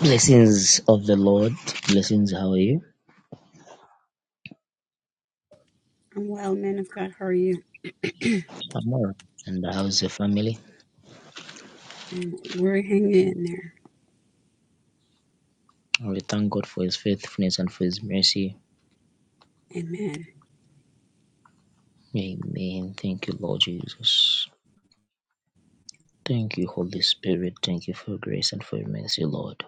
Blessings of the Lord. Blessings, how are you? I'm well, man of God. How are you? I'm all right. And how's your family? And We're hanging in there. We thank God for his faithfulness and for his mercy. Amen. Amen. Thank you, Lord Jesus. Thank you, Holy Spirit. Thank you for your grace and for your mercy, Lord.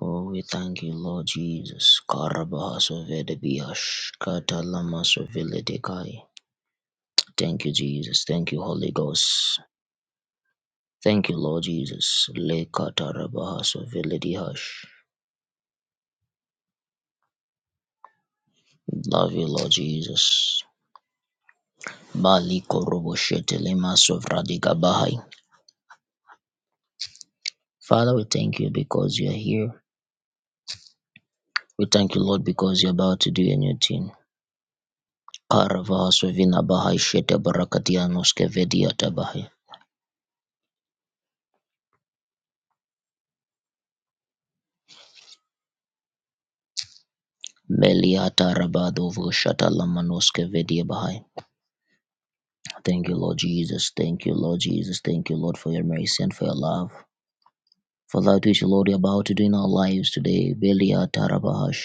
Oh, we thank you, Lord Jesus. Karabahasovedebiash, katalamasoviledekai. Thank you, Jesus. Thank you, Holy Ghost. Thank you, Lord Jesus. Lekatarabahasoviledihash. Love you, Lord Jesus. Father, we thank you because you are here. We thank you, Lord, because you're about to do a new thing. Karavahasovina bahai shete barakatia noske vedia tabahai. Meliata rabadovo shatalamanuske vedia bahai. Thank you, Lord Jesus. Thank you, Lord Jesus. Thank you, Lord, for your mercy and for your love. For that which, Lord, you're about to do in our lives today. Beliata rabahash.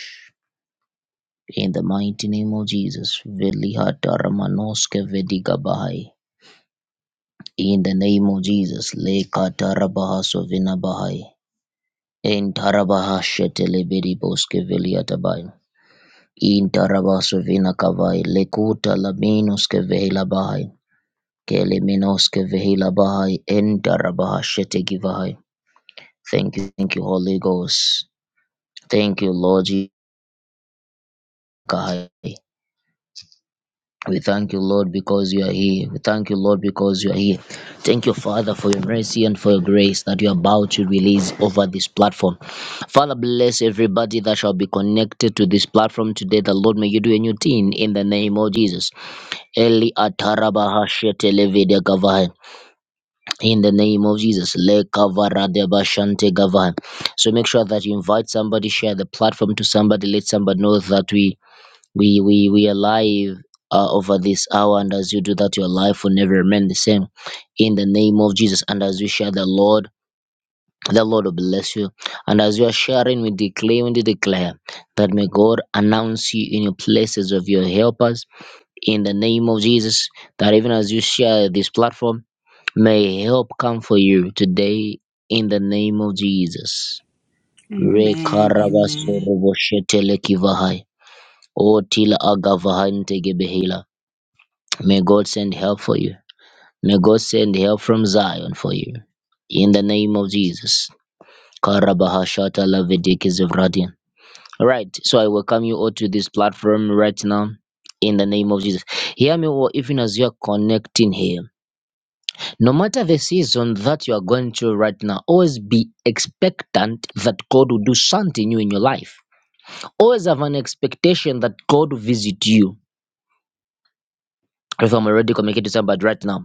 In the mighty name of Jesus. Velihata ramanoske vediga bahai. In the name of Jesus, Leka Tarabaha Sovinabahai. In Tarabaha Shetelebedi Boske Veliatabai. In Tarabaha Sovina Kavai. Lekuta Laminoske Vehila Bahai. Keleminoske Vehila Bahai. In Tarabaha Shetegivahai. Thank you, thank you, Holy Ghost. Thank you, Lord Jesus. We thank you, Lord, because you are here. We thank you, Lord, because you are here. Thank you, Father, for your mercy and for your grace that you are about to release over this platform. Father, bless everybody that shall be connected to this platform today. The Lord, may you do a new thing in the name of Jesus. Eli ataraba hashete gavai. In the name of Jesus. Le kavara shante gavai. So make sure that you invite somebody, share the platform to somebody, let somebody know that we we we we are live uh, over this hour and as you do that your life will never remain the same in the name of jesus and as you share the lord the lord will bless you and as you are sharing we declare we declare that may god announce you in your places of your helpers in the name of jesus that even as you share this platform may help come for you today in the name of jesus Amen. Amen. Rekarabasorobo shetelekivahai. Otila agavahai ntegebehela. May God send help for you. May God send help from Zion for you. In the name of Jesus. Karabahashata lavedeke zevradian. All right, so I welcome you all to this platform right now. In the name of Jesus. Hear me, or even as you are connecting here. No matter the season that you are going through right now, always be expectant that God will do something new in your life. Always have an expectation that God will visit you. If I'm already communicating to somebody right now,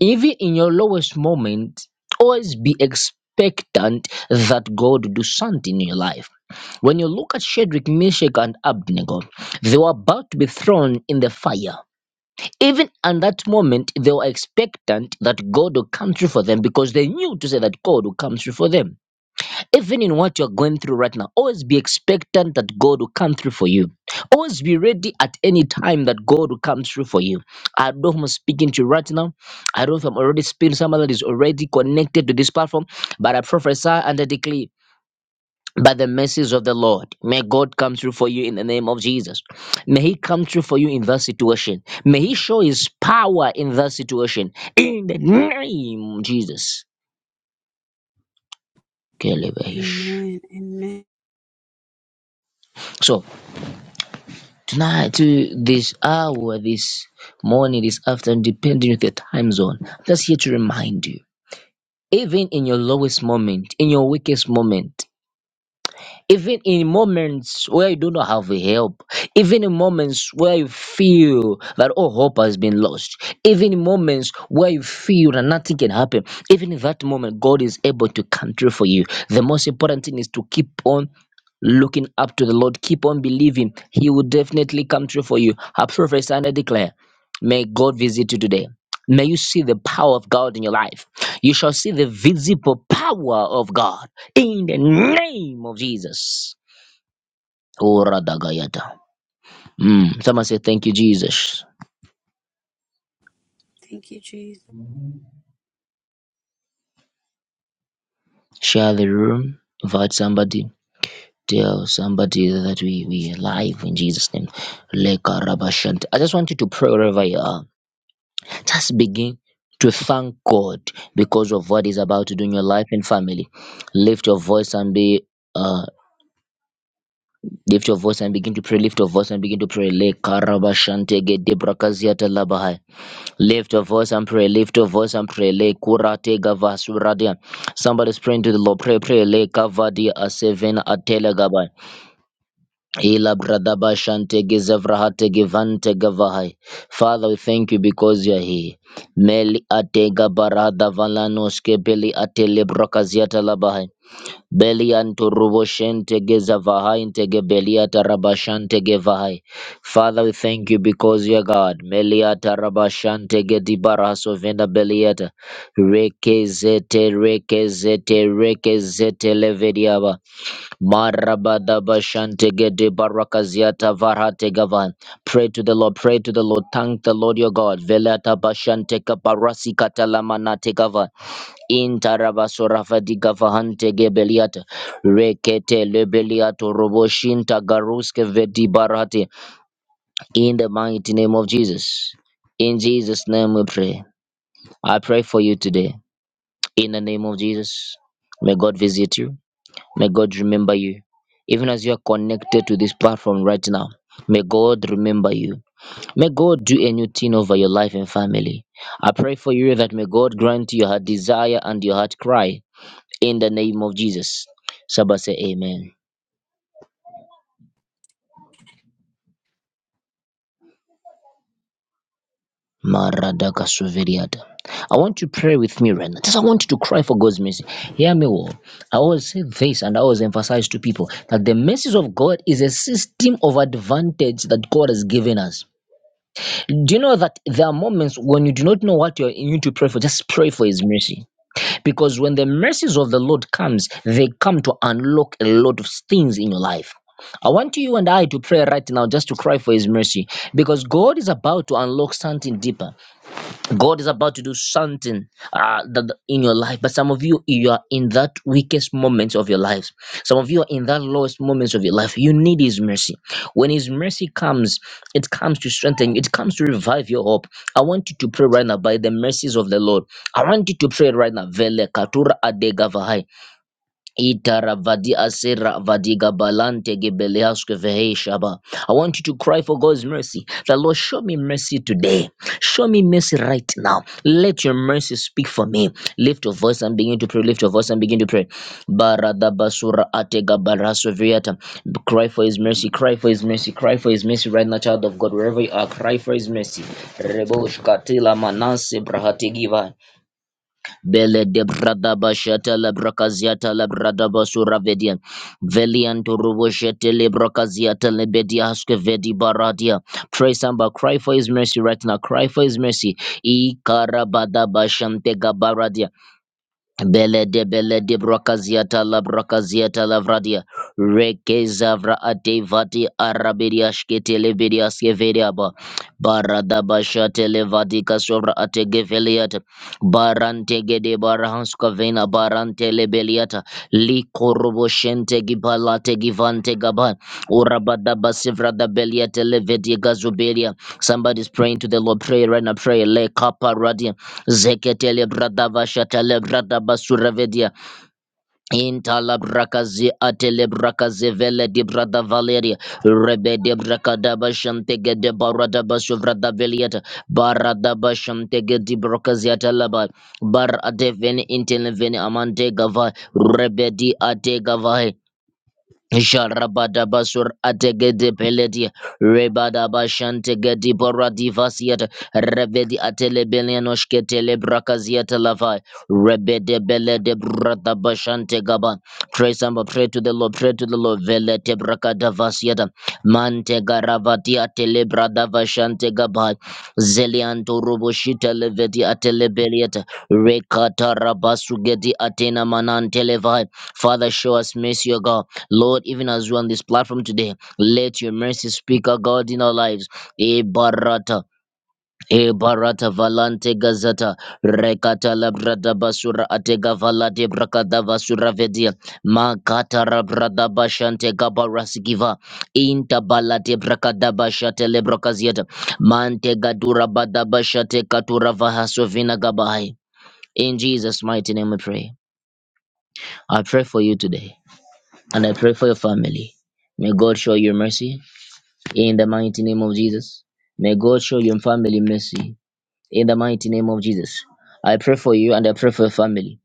Even in your lowest moment, always be expectant that God will do something in your life. When you look at Shadrach, Meshach, and Abednego, they were about to be thrown in the fire. Even at that moment, they were expectant that God will come through for them because they knew to say that God will come through for them even in what you're going through right now, always be expectant that God will come through for you. Always be ready at any time that God will come through for you. I don't know if I'm speaking to you right now. I don't know if I'm already speaking to someone that is already connected to this platform, but I prophesy and I declare by the mercies of the Lord. May God come through for you in the name of Jesus. May He come through for you in that situation. May He show His power in that situation. In the name of Jesus. Amen. Amen. So, tonight to this hour, this morning, this afternoon, depending on your time zone. I'm just here to remind you, even in your lowest moment, in your weakest moment, even in moments where you do not have help, even in moments where you feel that all hope has been lost, even in moments where you feel that nothing can happen, even in that moment, God is able to come through for you. The most important thing is to keep on looking up to the Lord. Keep on believing. He will definitely come true for you. I prophesy and I declare, may God visit you today. May you see the power of God in your life. You shall see the visible power of God in the name of Jesus. Oh, Radagayata. Mm. Someone say, Thank you, Jesus. Thank you, Jesus. Share the room. Invite somebody. Tell somebody that we, we are alive in Jesus' name. Leka Rabashant. I just want you to pray wherever you are. Just begin to thank God because of what He's about to do in your life and family. Lift your voice and be uh, lift your voice and begin to pray. Lift your voice and begin to pray. Le karabashante debrakaziata labahai. Lift your voice and pray. Lift your voice and pray. Le kurate gavasuradia. Somebody's praying to the Lord. Pray, pray. Le kavadia a seven a Ila bradaba shante gezevrahate givante gavahai. Father, we thank you because you are here. Meli atega barada valanoske beli atele brakaziata labahai. Beli anturubo shente gezavahai intege beliata rabashante gevahai. Father, we thank you because you are God. Meli ata. rabashante gedibaraso venda beliata. Rekezete rekezete rekezete levediaba. Marabadabashantegede barakaziata varategavan. Pray to the Lord, pray to the Lord, thank the Lord your God. Velata bashanteka barasi katalamana tegava. Intarabasorafadiga gebeliata. Rekete lebeliato roboshinta garuske vedi barate. In the mighty name of Jesus. In Jesus' name we pray. I pray for you today. In the name of Jesus. May God visit you. May God remember you. Even as you are connected to this platform right now, may God remember you. May God do a new thing over your life and family. I pray for you that may God grant your heart desire and your heart cry in the name of Jesus. Saba say amen. Maradaka suveriata. I want you to pray with me right now. Just I want you to cry for God's mercy. Hear me well. I always say this and I always emphasize to people that the message of God is a system of advantage that God has given us. Do you know that there are moments when you do not know what you're- you need to pray for? Just pray for His mercy, because when the mercies of the Lord comes, they come to unlock a lot of things in your life. I want you and I to pray right now just to cry for His mercy, because God is about to unlock something deeper. God is about to do something uh, that, that in your life, but some of you, you are in that weakest moments of your lives. Some of you are in that lowest moments of your life. You need His mercy. When His mercy comes, it comes to strengthen you, it comes to revive your hope. I want you to pray right now by the mercies of the Lord. I want you to pray right now. Vele katura adega vahai. Itaravadi asera vadiga balante gebeleaske veheshaba. I want you to cry for God's mercy. The Lord, show me mercy today. Show me mercy right now. Let your mercy speak for me. Lift your voice and begin to pray. Lift your voice and begin to pray. Barada atega baraso Cry for His mercy. Cry for His mercy. Cry for His mercy right now, child of God. Wherever you are, cry for His mercy. Rebosh katila manase brahatigiva. Bele de brada bashata la brakaziata la brada basura vedia. Velianto ruboshete le brakaziata le bedia haske vedi baradia. Pray samba, cry for his mercy right now. Cry for his mercy. I karabada bashante gabaradia. Bele de bele de brakaziata la brakaziata la vradia. Reke zavra ate vati arabidia shkete lebedia skevedia ba. Barada basha televadi kasovra ate geveliata. Barante gede barahanska vena barante lebeliata. Li korobo shente gibalate givante gaban. Urabada basivra da beliate levedia gazubelia. Somebody's praying to the Lord. Pray right now. Pray. Le kaparadia. Zeketele bradava shatele bradava suravedia. Intala brakazi atele brakaze vele di brada valeria. Rebe de brakadaba shantege de baradaba suvrada velieta. Baradaba shantege di brakaziata laba. Bar adeveni intele veni amante gava. Rebe di ate gava. Sharabadabasur ategede peledi rebadabashante gedi boradivasiat revedi atelebelianoshke telebrakaziat lavai rebede belede bradabashante gaba pray some pray to the Lord pray to the Lord velete brakadavasiat mante garavatiatelebradavashante gaba zelianto roboshita levedi atelebeliat rekatarabasugedi atena manantelevai Father show us mercy O God Lord, even as we on this platform today, let your mercy speak, O God, in our lives. E barata, e barata valante gazata, rekata labrada basura atega valade brakada basura vedia, makata rabrada bashante gabarasikiva, inta balate brakada bashate lebrakaziata, mante gadura bada bashate katura vahasovina gabai. In Jesus' mighty name we pray. I pray for you today and I pray for your family. May God show you mercy in the mighty name of Jesus. May God show your family mercy in the mighty name of Jesus. I pray for you and I pray for your family.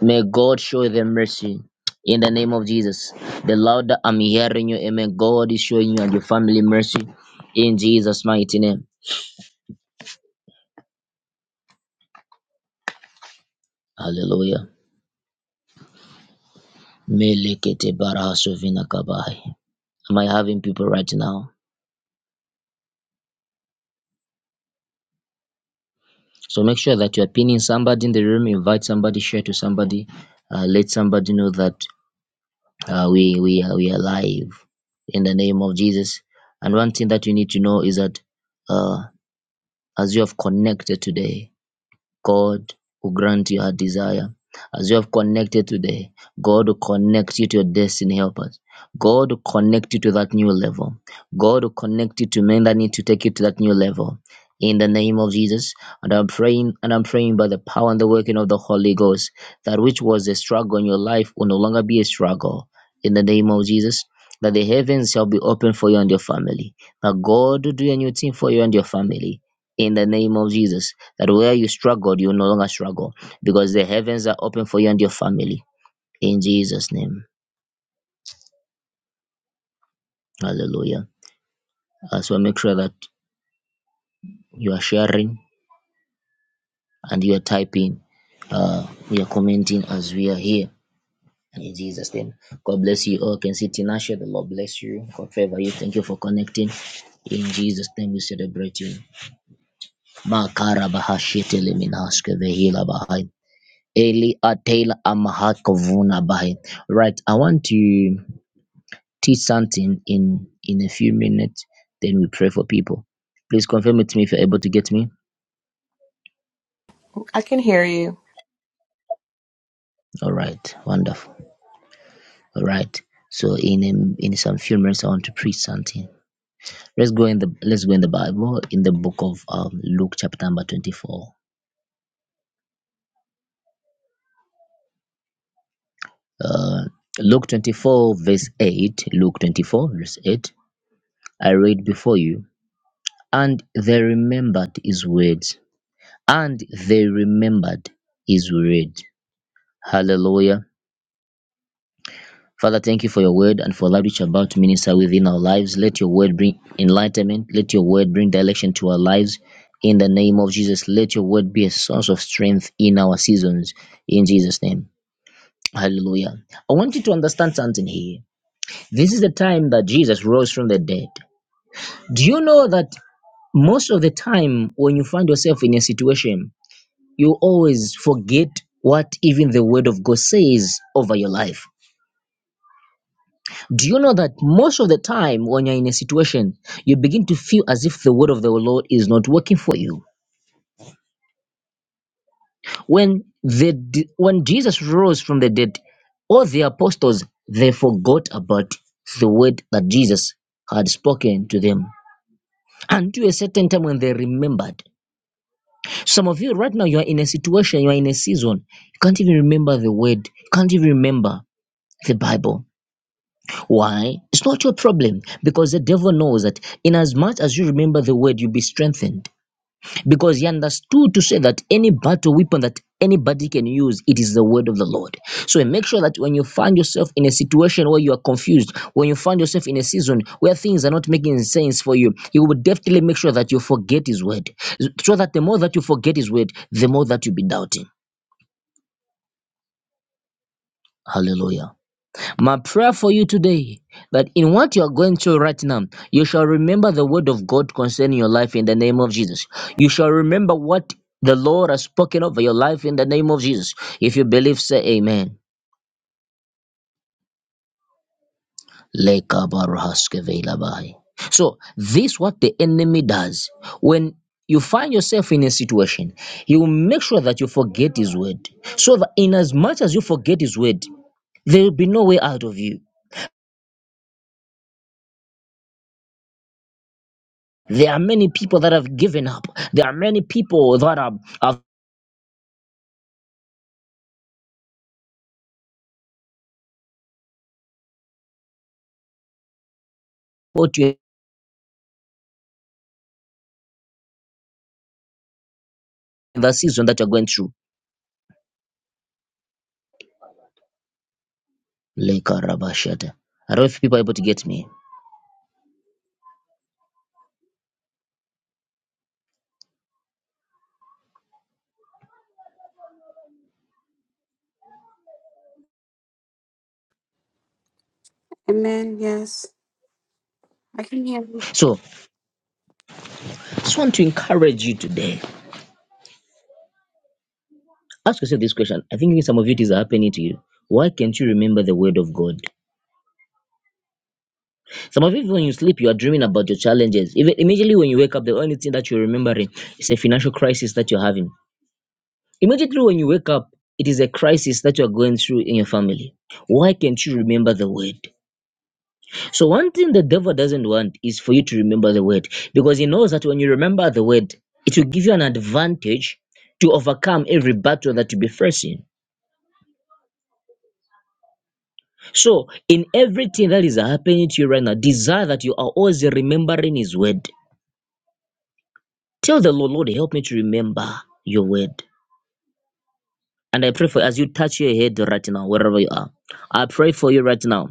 May God show them mercy in the name of Jesus. The louder I'm hearing you, amen. God is showing you and your family mercy in Jesus' mighty name. Hallelujah. Melekete barahaso vinakabai. Am I having people right now? So make sure that you're pinning somebody in the room, invite somebody, share to somebody, uh, let somebody know that uh, we we are, we are live in the name of Jesus. And one thing that you need to know is that uh, as you have connected today, God will grant you her desire. As you have connected today, God will connect you to your destiny helpers. God will connect you to that new level. God will connect you to men that need to take you to that new level. In the name of Jesus, and I'm praying, and I'm praying by the power and the working of the Holy Ghost, that which was a struggle in your life will no longer be a struggle. In the name of Jesus, that the heavens shall be open for you and your family. That God will do a new thing for you and your family. In the name of Jesus that where you struggled, you will no longer struggle because the heavens are open for you and your family. In Jesus' name. Hallelujah. Uh, so make sure that you are sharing and you are typing. Uh, we are commenting as we are here. In Jesus' name. God bless you all. Can see Tinashe, the Lord bless you. God favor you. Thank you for connecting. In Jesus' name, we celebrate you. Makara bahashite leminaske vehila bahai. Eli atela amahakovuna bahai. Right, I want to. teach something in in a few minutes, then we pray for people. Please confirm it to me if you're able to get me. I can hear you. All right, wonderful. All right. So in um, in some few minutes, I want to preach something. Let's go in the let's go in the Bible in the book of um, Luke chapter number twenty four. Uh, Luke twenty four verse eight. Luke twenty four verse eight. I read before you, and they remembered his words, and they remembered his word. Hallelujah. Father, thank you for your word and for that which you're about to minister within our lives. Let your word bring enlightenment. Let your word bring direction to our lives. In the name of Jesus, let your word be a source of strength in our seasons. In Jesus' name. Hallelujah. I want you to understand something here. This is the time that Jesus rose from the dead. Do you know that most of the time when you find yourself in a situation, you always forget what even the word of God says over your life? Do you know that most of the time when you're in a situation, you begin to feel as if the word of the Lord is not working for you? When the when Jesus rose from the dead, all the apostles they forgot about the word that Jesus had spoken to them. And to a certain time when they remembered. Some of you right now you are in a situation, you are in a season, you can't even remember the word, you can't even remember the Bible. Why? It's not your problem because the devil knows that in as much as you remember the word, you'll be strengthened. Because he understood to say that any battle weapon that anybody can use, it is the word of the Lord. So make sure that when you find yourself in a situation where you are confused, when you find yourself in a season where things are not making sense for you, you will definitely make sure that you forget his word. So that the more that you forget his word, the more that you'll be doubting. Hallelujah. My prayer for you today that in what you are going through right now, you shall remember the word of God concerning your life in the name of Jesus. You shall remember what the Lord has spoken over your life in the name of Jesus. If you believe, say amen. Lekabarohaskevelabai. So, this what the enemy does. When you find yourself in a situation, he will make sure that you forget his word. So that in as much as you forget his word, there will be no way out of you. There are many people that have given up. There are many people that are have put you in the season that you're going through. Leka rabashata. I don't know if people are able to get me. Amen. Yes, I can hear you. So I just want to encourage you today. Ask yourself this question. I think some of it is happening to you. Why can't you remember the word of God? Some of you, when you sleep, you are dreaming about your challenges. Even immediately when you wake up, the only thing that you're remembering is a financial crisis that you're having. Immediately when you wake up, it is a crisis that you're going through in your family. Why can't you remember the word? So one thing the devil doesn't want is for you to remember the word because he knows that when you remember the word, it will give you an advantage to overcome every battle that you'll be facing. So in everything that is happening to you right now, desire that you are always remembering his word. Tell the Lord, Lord, help me to remember your word. And I pray for as you touch your head right now, wherever you are, I pray for you right now.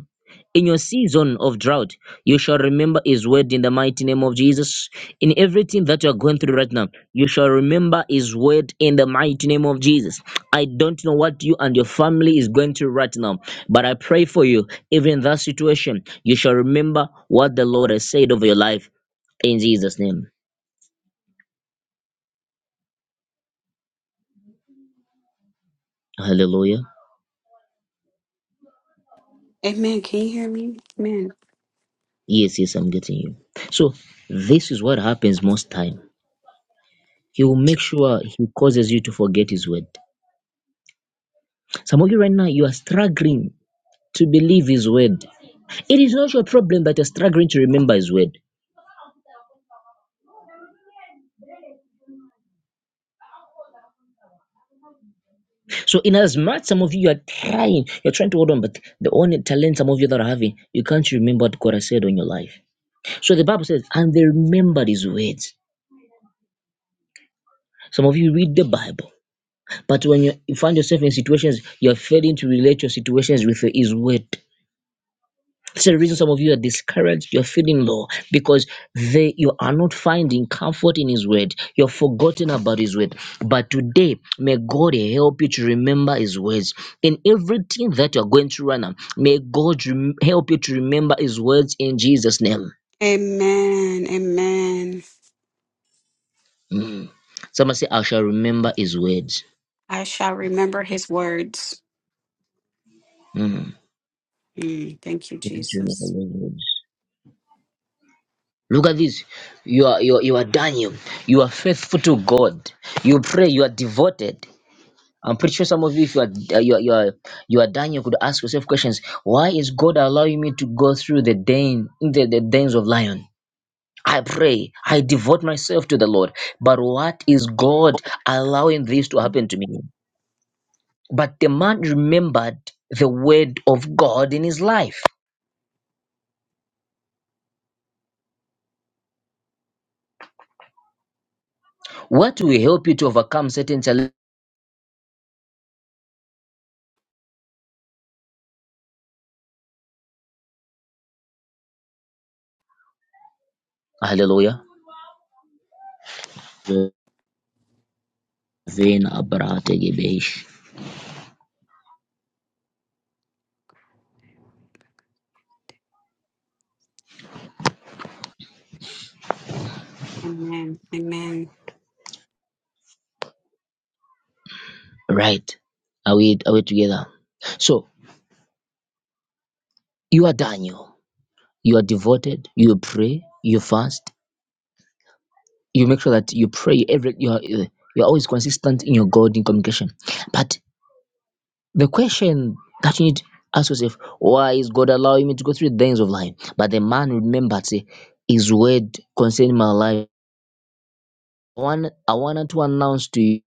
In your season of drought, you shall remember His word in the mighty name of Jesus. In everything that you are going through right now, you shall remember His word in the mighty name of Jesus. I don't know what you and your family is going through right now, but I pray for you, even in that situation, you shall remember what the Lord has said over your life in Jesus' name. Hallelujah. Amen. Can you hear me? Amen. Yes, yes, I'm getting you. So, this is what happens most time He will make sure he causes you to forget his word. Some of you right now, you are struggling to believe his word. It is not your problem that you're struggling to remember his word. So, in as much some of you are trying, you're trying to hold on, but the only talent some of you that are having, you can't remember what God has said on your life. So the Bible says, and they remembered his words. Some of you read the Bible, but when you you find yourself in situations, you're failing to relate your situations with his word. That's the reason some of you are discouraged. You're feeling low because they you are not finding comfort in His word. You're forgotten about His word. But today, may God help you to remember His words in everything that you're going through right now. May God rem- help you to remember His words in Jesus' name. Amen. Amen. Mm. Someone say, "I shall remember His words." I shall remember his words. Mm. Mm, thank you, You need to remember Jesus. His words. Look at this. You are you are, you are Daniel. You are faithful to God. You pray. You are devoted. I'm pretty sure some of you, if you are uh, you are, you are you are dying, you could ask yourself questions. Why is God allowing me to go through the den, the, the dens of lion? I pray, I devote myself to the Lord. But what is God allowing this to happen to me? But the man remembered the word of God in his life. What will help you to overcome certain challenges? Hallelujah. Amen. Amen. Right. Are we are we together? So you are Daniel you are devoted you pray you fast you make sure that you pray every you are you're always consistent in your god in communication but the question that you need to ask yourself why is god allowing me to go through the things of life but the man remembered say his word concerning my life one i wanted to announce to you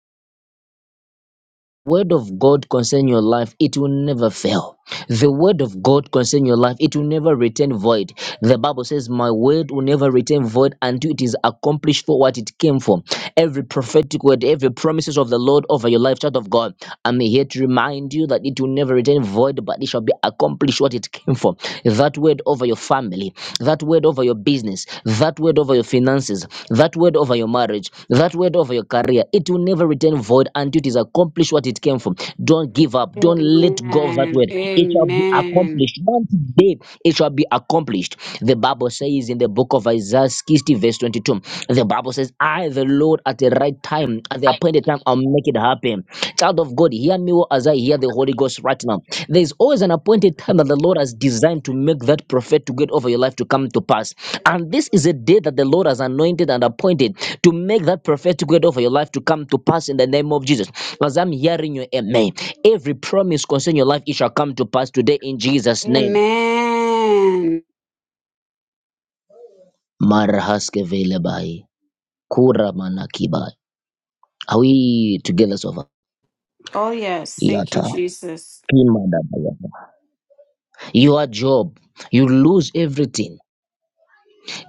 word of god concerning your life it will never fail The word of God concerning your life, it will never return void. The Bible says, My word will never return void until it is accomplished for what it came for. Every prophetic word, every promises of the Lord over your life, child of God, I'm here to remind you that it will never return void, but it shall be accomplished what it came for. That word over your family, that word over your business, that word over your finances, that word over your marriage, that word over your career, it will never return void until it is accomplished what it came for. Don't give give up. Don't let go of that Amen. word. It shall be Amen. accomplished. One day it shall be accomplished. The Bible says in the book of Isaiah 60, verse 22, the Bible says, I, the Lord, at the right time, at the appointed time, I'll make it happen. Child of God, hear me well as I hear the Holy Ghost right now. There's always an appointed time that the Lord has designed to make that prophet to get over your life to come to pass. And this is a day that the Lord has anointed and appointed to make that prophetic word over your life to come to pass in the name of Jesus. As I'm hearing you, amen. Every promise concerning your life, it shall come to pass today in Jesus' name. Amen. Marahaske velebai. Are we together so far? Oh, yes. Thank you, Yata. Jesus. Kimadabaya. Your job, you lose everything.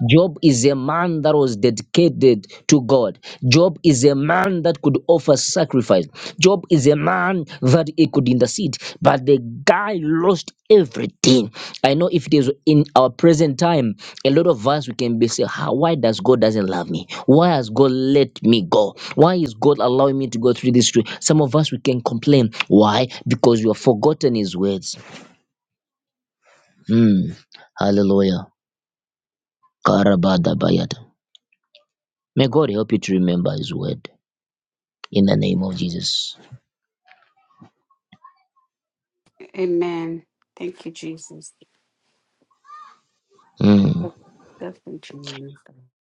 Job is a man that was dedicated to God. Job is a man that could offer sacrifice. Job is a man that he could intercede. But the guy lost everything. I know if it is in our present time, a lot of us we can be say, "How? Why does God doesn't love me? Why has God let me go? Why is God allowing me to go through this?" Tree? Some of us we can complain. Why? Because you have forgotten His words. Hmm. Hallelujah. Karabada May God help you to remember His word in the name of Jesus. Amen. Thank you, Jesus. Mm. Definitely,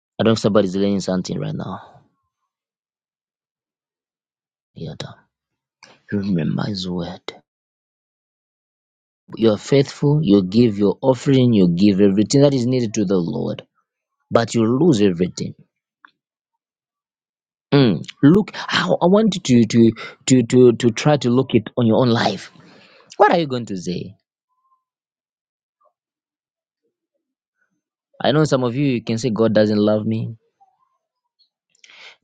I don't know if somebody's learning something right now. Yeah, da. remember His word. You are faithful, you give your offering, you give everything that is needed to the Lord, but you lose everything. Mm. Look, I, I want you to, to, to, to, to try to look it on your own life. What are you going to say? I know some of you, you can say, God doesn't love me.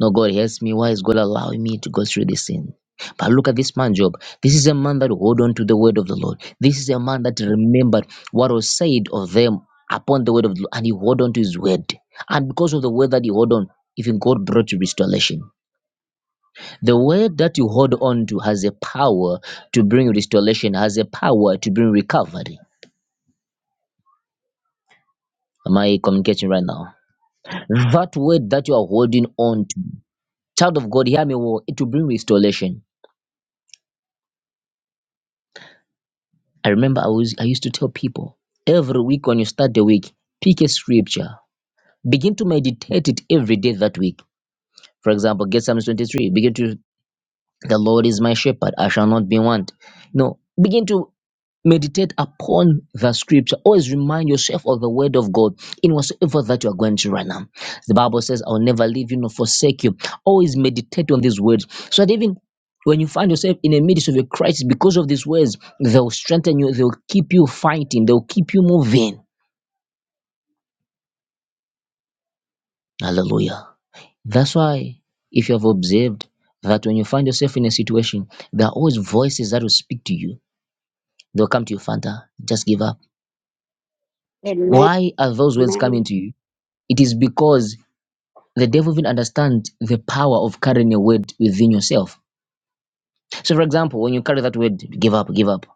No, God helps me. Why is God allowing me to go through this sin? But look at this man, Job. This is a man that hold on to the word of the Lord. This is a man that remembered what was said of them upon the word of the Lord, and he hold on to his word. And because of the word that he hold on, even God brought you restoration. The word that you hold on to has a power to bring restoration, has a power to bring recovery. Am I communicating right now? That word that you are holding on to, child of God, hear me well, it will bring restoration I remember I was I used to tell people every week when you start the week, pick a scripture. Begin to meditate it every day that week. For example, get Psalms 23. Begin to the Lord is my shepherd, I shall not be want. No, begin to Meditate upon the scripture. Always remind yourself of the word of God in whatsoever that you are going to right now. The Bible says, I will never leave you nor forsake you. Always meditate on these words so that even when you find yourself in the midst of a crisis because of these words, they'll strengthen you, they'll keep you fighting, they'll keep you moving. Hallelujah. That's why, if you have observed that when you find yourself in a situation, there are always voices that will speak to you. They'll come to you, Fanta, just give up. Amen. Why are those words coming Amen. to you? It is because the devil even understands the power of carrying a word within yourself. So, for example, when you carry that word, give up, give up,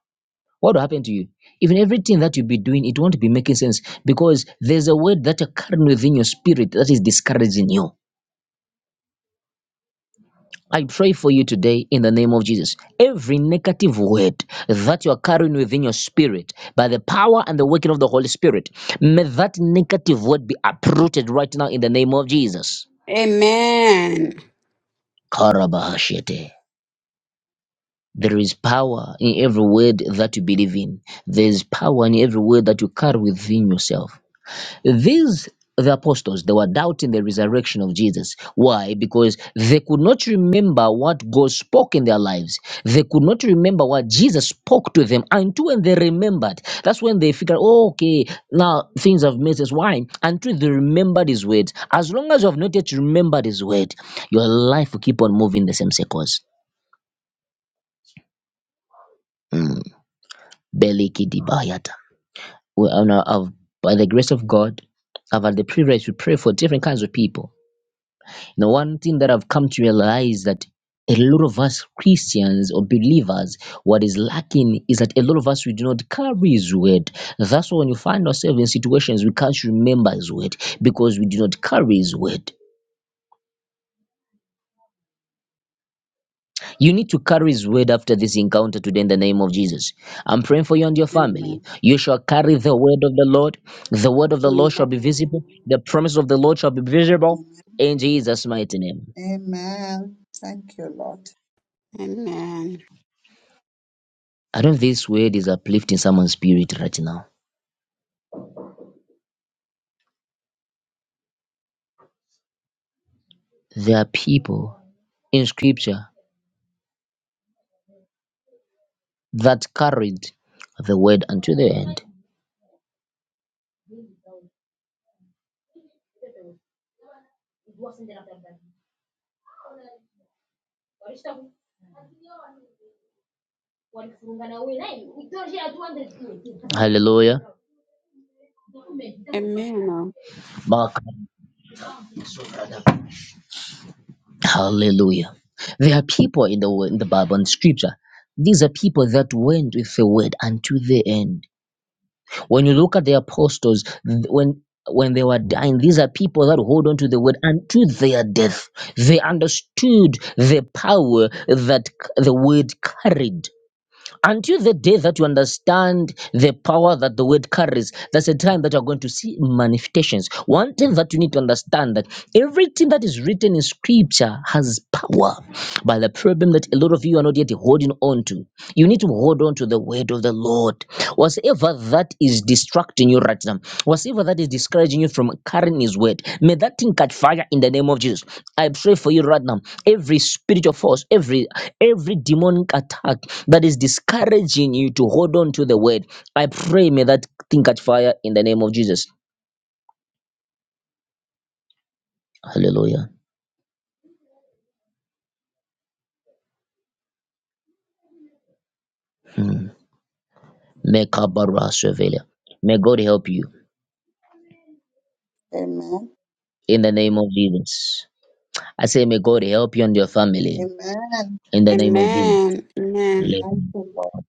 what will happen to you? Even everything that you'll be doing, it won't be making sense because there's a word that you're carrying within your spirit that is discouraging you. I pray for you today in the name of Jesus. Every negative word that you are carrying within your spirit by the power and the working of the Holy Spirit, may that negative word be uprooted right now in the name of Jesus. Amen. Amen. Karabahashete. There is power in every word that you believe in. There is power in every word that you carry within yourself. These the apostles they were doubting the resurrection of Jesus. Why? Because they could not remember what God spoke in their lives. They could not remember what Jesus spoke to them until when they remembered. That's when they figured, oh, okay, now things have made sense. Why? Until they remembered his words. As long as you have not yet remembered his word, your life will keep on moving the same circles. Mm. Beliki we are now have by the grace of God, I've had the privilege to pray for different kinds of people. Now, one thing that I've come to realize that a lot of us Christians or believers, what is lacking is that a lot of us we do not carry His word. That's why when you find ourselves in situations we can't remember His word because we do not carry His word. You need to carry His word after this encounter today in the name of Jesus. I'm praying for you and your family. Amen. You shall carry the word of the Lord. The word of the Lord Amen. shall be visible. The promise of the Lord shall be visible Amen. in Jesus' mighty name. Amen. Thank you, Lord. Amen. I don't know if this word is uplifting someone's spirit right now. There are people in scripture that carried the word unto the end. Hallelujah. oh. Amen. Hallelujah. There are people in the wo- in the Bible and Scripture. These are people that went with the word unto the end. When you look at the apostles, th- when when they were dying, these are people that hold on to the word unto their death. They understood the power that c- the word carried. Until the day that you understand the power that the word carries, that's the time that you're going to see manifestations. One thing that you need to understand that everything that is written in scripture has power. But the problem that a lot of you are not yet holding on to, you need to hold on to the word of the Lord. Whatever that is distracting you right now, whatever that is discouraging you from carrying his word, may that thing catch fire in the name of Jesus. I pray for you right now. Every spiritual force, every every demonic attack that is discouraging you to hold on to the word. I pray may that thing catch fire in the name of Jesus. Hallelujah. Hmm. Mekabarasevela. May God help you Amen. in the name of Jesus. I say, may God help you and your family Amen. in the name of Jesus. Amen. Let- Thank you, Lord.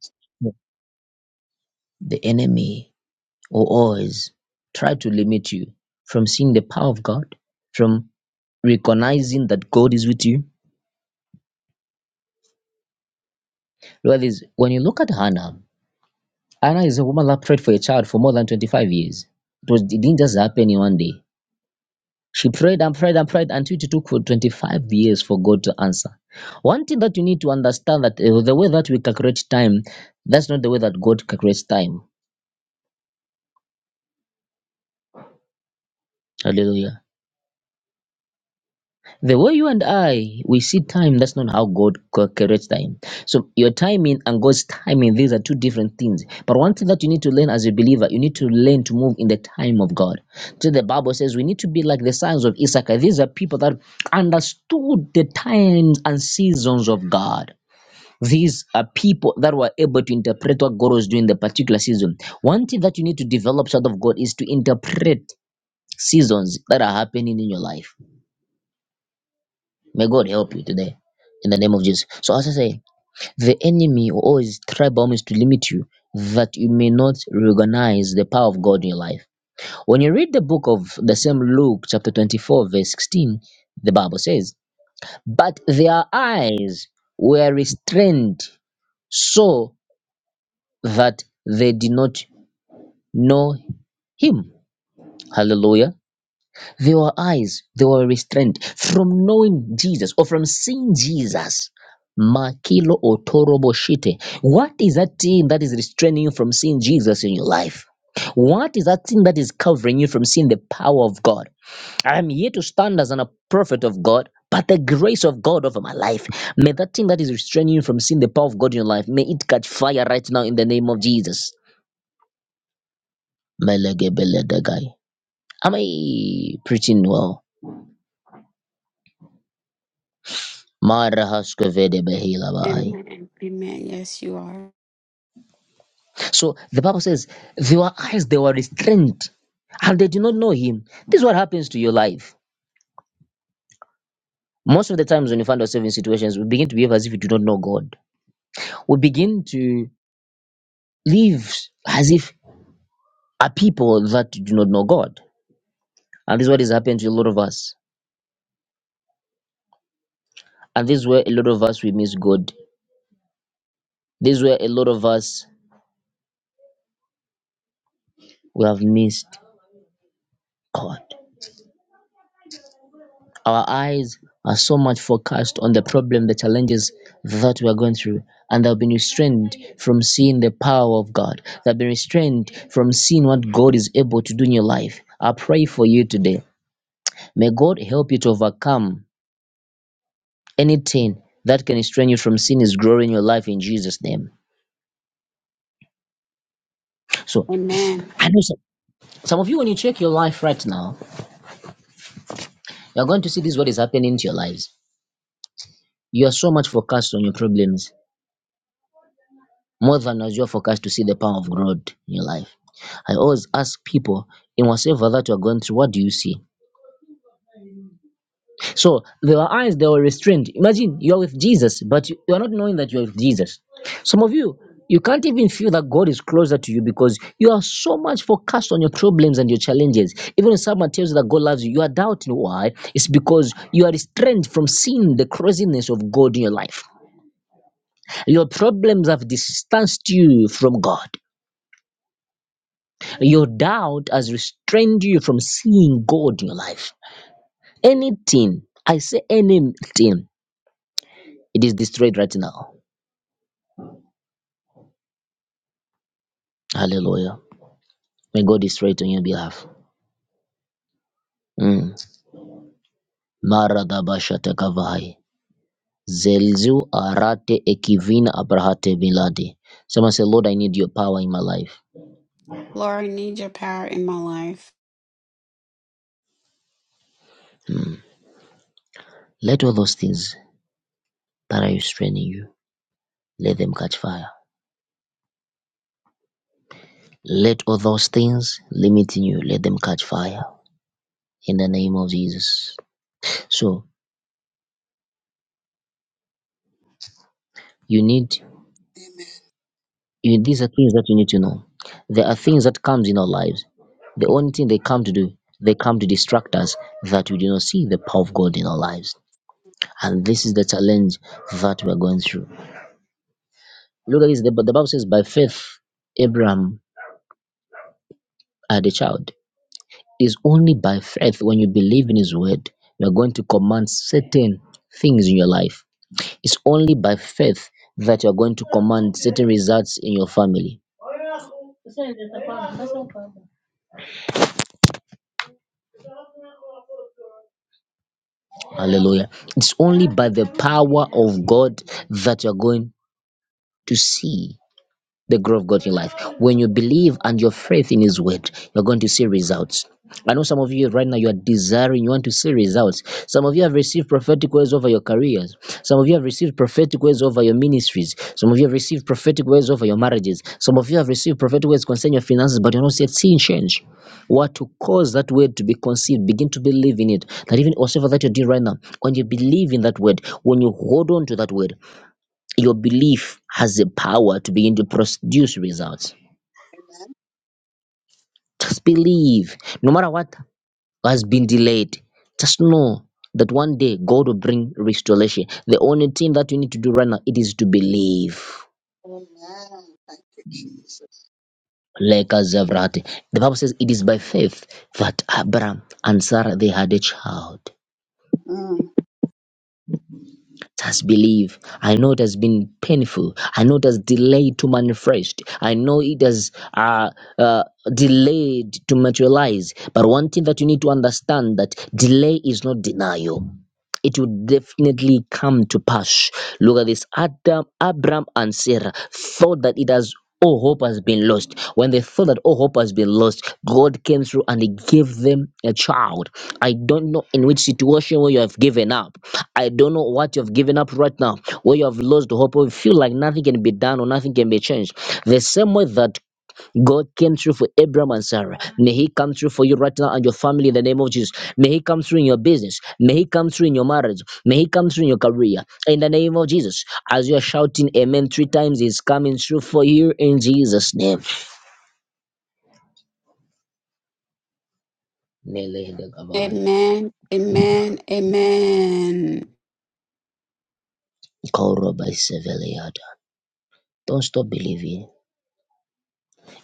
The enemy will always try to limit you from seeing the power of God, from recognizing that God is with you. Lord, is when you look at Hannah, Anna is a woman that prayed for a child for more than 25 years. It, was, it didn't just happen in one day. She prayed and prayed and prayed until it took for 25 years for God to answer. One thing that you need to understand that uh, the way that we calculate time, that's not the way that God calculates time. Hallelujah. The way you and I we see time, that's not how God co- creates time. So your timing and God's timing, these are two different things. But one thing that you need to learn as a believer, you need to learn to move in the time of God. So the Bible says we need to be like the sons of Issachar. These are people that understood the times and seasons of God. These are people that were able to interpret what God was doing in the particular season. One thing that you need to develop out of God is to interpret seasons that are happening in your life May God help you today in the name of Jesus. So, as I say, the enemy will always try by all means to limit you that you may not recognize the power of God in your life. When you read the book of the same Luke, chapter 24, verse 16, the Bible says, But their eyes were restrained so that they did not know him. Hallelujah. Their eyes, they were restrained from knowing Jesus or from seeing Jesus. Makilo otorobo shite. What is that thing that is restraining you from seeing Jesus in your life? What is that thing that is covering you from seeing the power of God? I am here to stand as an, a prophet of God, but the grace of God over my life. May that thing that is restraining you from seeing the power of God in your life, may it catch fire right now in the name of Jesus. Melegebeledegai. Am I preaching well? Mara hashkavede behila bahai. Amen. Amen. Yes, you are. So the Bible says, their eyes they were restrained, and they did not know Him. This is what happens to your life. Most of the times when you find ourselves in situations, we begin to behave as if we do not know God. We begin to live as if are people that do not know God, and this is what is happening to a lot of us. And this is where a lot of us we miss God. This is where a lot of us we have missed God. Our eyes are so much focused on the problem, the challenges that we are going through, and they've been restrained from seeing the power of God. They've been restrained from seeing what God is able to do in your life. I pray for you today. May God help you to overcome anything that can restrain you from seeing His glory in your life in Jesus' name. So, Amen. I know some, some of you, when you check your life right now, you're going to see this is what is happening to your lives. You are so much focused on your problems more than as your forecast to see the power of God in your life. I always ask people in whatever that you're going through, what do you see? So there were eyes that were restrained. Imagine you're with Jesus, but you- you're not knowing that you're with Jesus. Some of you, you can't even feel that God is closer to you because you are so much focused on your problems and your challenges. Even when someone tells you that God loves you, you are doubting why. It's because you are restrained from seeing the craziness of God in your life. Your problems have distanced you from God. Your doubt has restrained you from seeing God in your life. Anything, I say anything, it is destroyed right now. Hallelujah. May God destroy it on your behalf. Mm. Maradabashatakavai. Zelzu arate ekivina abrahate biladi. Someone say, Lord, I need your power in my life. Lord, I need your power in my life. Mm. Let all those things that are restraining you, let them catch fire. Let all those things limiting you, let them catch fire. In the name of Jesus. So you need Amen. you, these are things that you need to know there are things that comes in our lives the only thing they come to do they come to distract us that we do not see the power of god in our lives and this is the challenge that we're going through look at this the, the bible says by faith abraham had a child It's only by faith when you believe in his word you're going to command certain things in your life it's only by faith that you're going to command certain results in your family Hallelujah. It's only by the power of God that you're going to see the glory of God in your life. When you believe and your faith in His word, you're going to see results. I know some of you right now you are desiring, you want to see results. Some of you have received prophetic words over your careers. Some of you have received prophetic words over your ministries. Some of you have received prophetic words over your marriages. Some of you have received prophetic words concerning your finances, but you're not yet seeing change. What to cause that word to be conceived, begin to believe in it. That even whatever that you're doing right now, when you believe in that word, when you hold on to that word, your belief has the power to begin to produce results. Amen. Just believe. No matter what has been delayed, just know that one day God will bring restoration. The only thing that you need to do right now it is to believe. Amen. Thank you, Jesus. Like Zevrati. The Bible says it is by faith that Abraham and Sarah they had a child. Mm. It believe. I know it has been painful. I know it has delayed to manifest. I know it has uh, uh, delayed to materialize. But one thing that you need to understand that delay is not denial it would definitely come to pass. Look at this Adam, Abraham, and Sarah thought that it has all hope has been lost. When they thought that all hope has been lost, God came through and He gave them a child. I don't know in which situation where you have given up. I don't know what you have given up right now, where you have lost hope, or you feel like nothing can be done or nothing can be changed. The same way that God came through for Abraham and Sarah. May He come through for you right now and your family in the name of Jesus. May He come through in your business. May He come through in your marriage. May He come through in your career. In the name of Jesus. As you are shouting Amen three times, He's coming through for you in Jesus' name. Amen. Amen. Amen. Don't stop believing.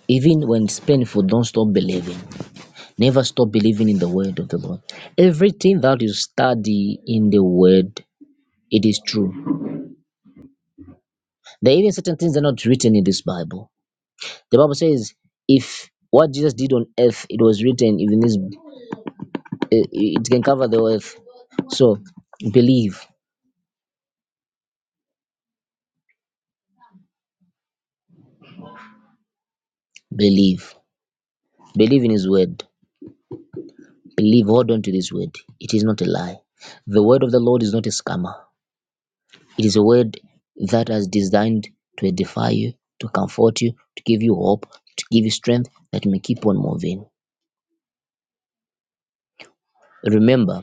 Even when it's painful, don't stop believing. Never stop believing in the word of the Lord. Everything that you study in the word, it is true. There are even certain things that are not written in this Bible. The Bible says, if what Jesus did on earth, it was written, even this, eh, it can cover the earth. So believe, believe, believe in His word. Believe, hold on to this word. It is not a lie. The word of the Lord is not a scammer. It is a word that has designed to edify you, to comfort you, to give you hope, to give you strength that you may keep on moving. Remember,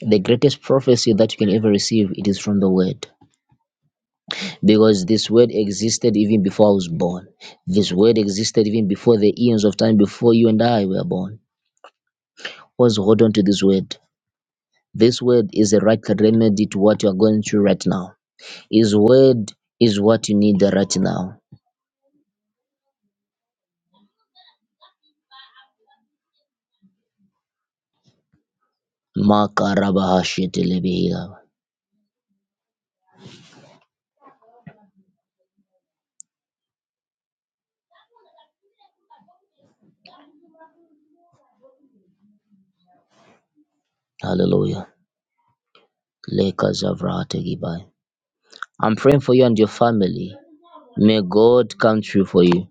the greatest prophecy that you can ever receive, it is from the word. because this word existed even before I was born. This word existed even before the eons of time before you and I were born. Always hold on to this word. This word is a right remedy to what you are going through right now. His word is what you need right now. Makarabahashetelebehia. Hallelujah. Lekazavrahategibai. I'm praying for you and your family. May God come through for you.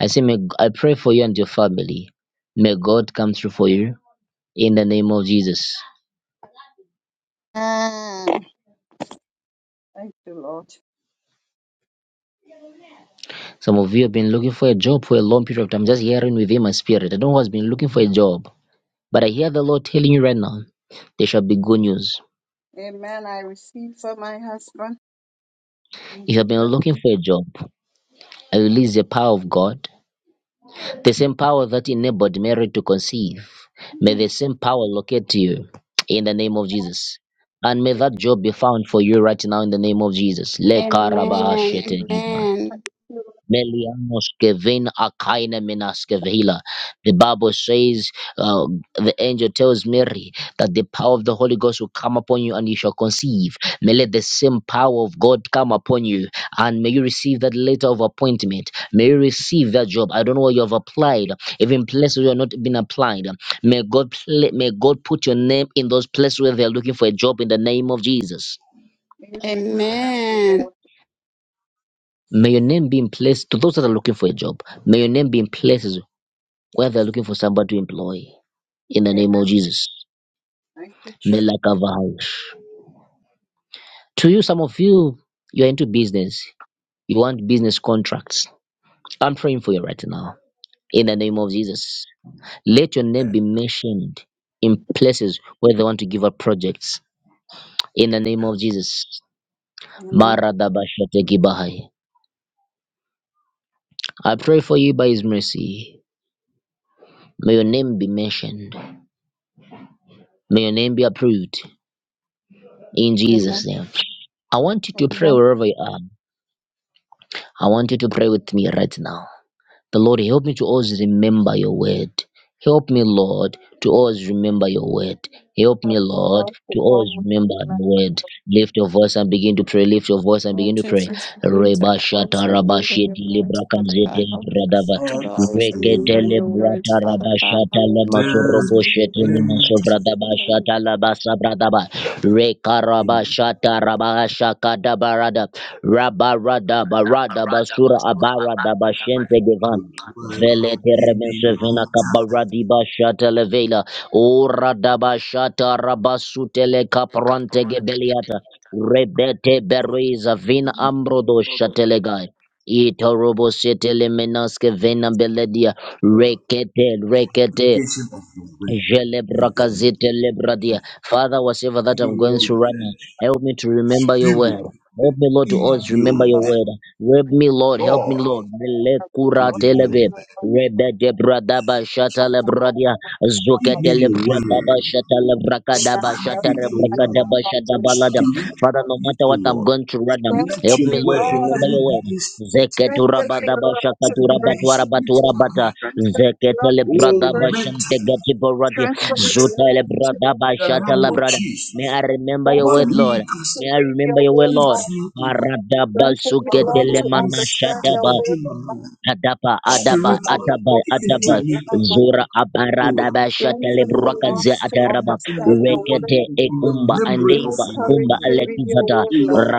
I say, may, I pray for you and your family. May God come through for you. in the name of Jesus. Amen. Thank you, Lord. Some of you have been looking for a job for a long period of time, just hearing within my spirit. I don't know who has been looking for a job, but I hear the Lord telling you right now, there shall be good news. Amen. I receive for my husband. In If you have been Jesus' looking name. for a job, I release the power of God, the same power that enabled Mary to conceive. May the Mm. same power locate you in the name of Jesus. And may that job be found for you right now in the name of Jesus. Le Amen. karabahashete Amen. Melianos kevin akaina minas kevila. The Bible says, uh, the angel tells Mary that the power of the Holy Ghost will come upon you and you shall conceive. May let the same power of God come upon you and may you receive that letter of appointment. May you receive that job. I don't know where you have applied, even places where you have not been applied. May God pla- may God put your name in those places where they are looking for a job in the name of Jesus. Amen. and Thank you, Lord. Amen. Thank you, Amen. Lord. May your name be in place to those that are looking for a job. May your name be in places. where they're looking for somebody to employ in the name Amen. of Jesus. Thank you, Jesus. and Melakavahai. To you, some of you, you're into business. You want business contracts. I'm praying for you right now in the name of Jesus. Let your name be and mentioned in places where they want to give up projects in the name of Jesus. Amen. Maradabashatekibahai. I pray for you by His mercy. May your name be mentioned. May your name be approved in Amen. Jesus' name. I want you to pray Amen. wherever you are. I want you to pray with me right now. The Lord, help me to always remember your word. Help me, Lord, to always remember your word. Help me, Thank you, Lord, Lord, for to always all. remember the word. Lift your voice and begin to pray. Lift your voice and Oh, begin to pray. Jesus, please, I Reba always shata raba remember shete your libra words, Father kanzete God. Help me libra to ought always to Rekete remember your libra words, taraba Father God. shata Help me lema to well always sorobo shete remember your lema went words. sovra Father shata God, laba sabra daba. in shata raba shaka daba rada. barada basura abara daba gevan. the word and Velete give me the remensevena intellectual kabaradiba shatalevela ora daba shata rabasutele kaprante gebeliata rebete bereza vina ambrodo shatelegai itorobo setele menaske vena beledia word, rekete the rekete application of your word in the Jelebrakazite lebradia. Father, whatever that give I'm me going what it through right now, takes, help me to the remember your word. spirit, the Help me, Lord, to inner always remember build, your the word. Help me, Lord. Amen. Help me, joy Lord. I've been Lekura lost within in your televe. my word. wonders Rebe and debradaba shata So ever from morning lebradia. to Give night. Zukete me your lebradaba word shata May God lebrakadaba Inspire me help shata with me your as my word. lebrakadaba shata option. balada. Spirit of Father, no peace, matter O what I'm Lord. going through right now, Let Strengthen help me, me, your Lord, to word, Lord. remember let it your be word. a spirit in Zeketura my Strengthen me, life. badaba Lord, to Let it be pray. a spirit in my shakatura life. Strengthen me, Zeketele Lord, to Oh, brada pray. bashante mentally, gati borati. Strengthen me, direct Zutele Lord, to brada the pray bashata name your la word. of brada. Jesus. May I remember your Strengthen word, me Lord. Malikas, to May I read remember your your word, word, speak Lord. to Lord. me, O Lord. Barada Strengthen me, Father, Lord, basuketele to Lord, understand insert it your manashadaba. into word. Lord. my mind. Adaba, Whatever Adaba, I am Spiritually, Ataba, going take through it to Ataba, right me, now, O Lord, Zura Lord. Oh, Aparadaba Shatele strengthen me, Lord, Brakaze Lord, to insert it Ataraba, in the, understand in, your in, word. Rekete in the Ekumba memory Give of me Andimba my courage Akumba mind. to read your Alekizada, word, Lord. Lord,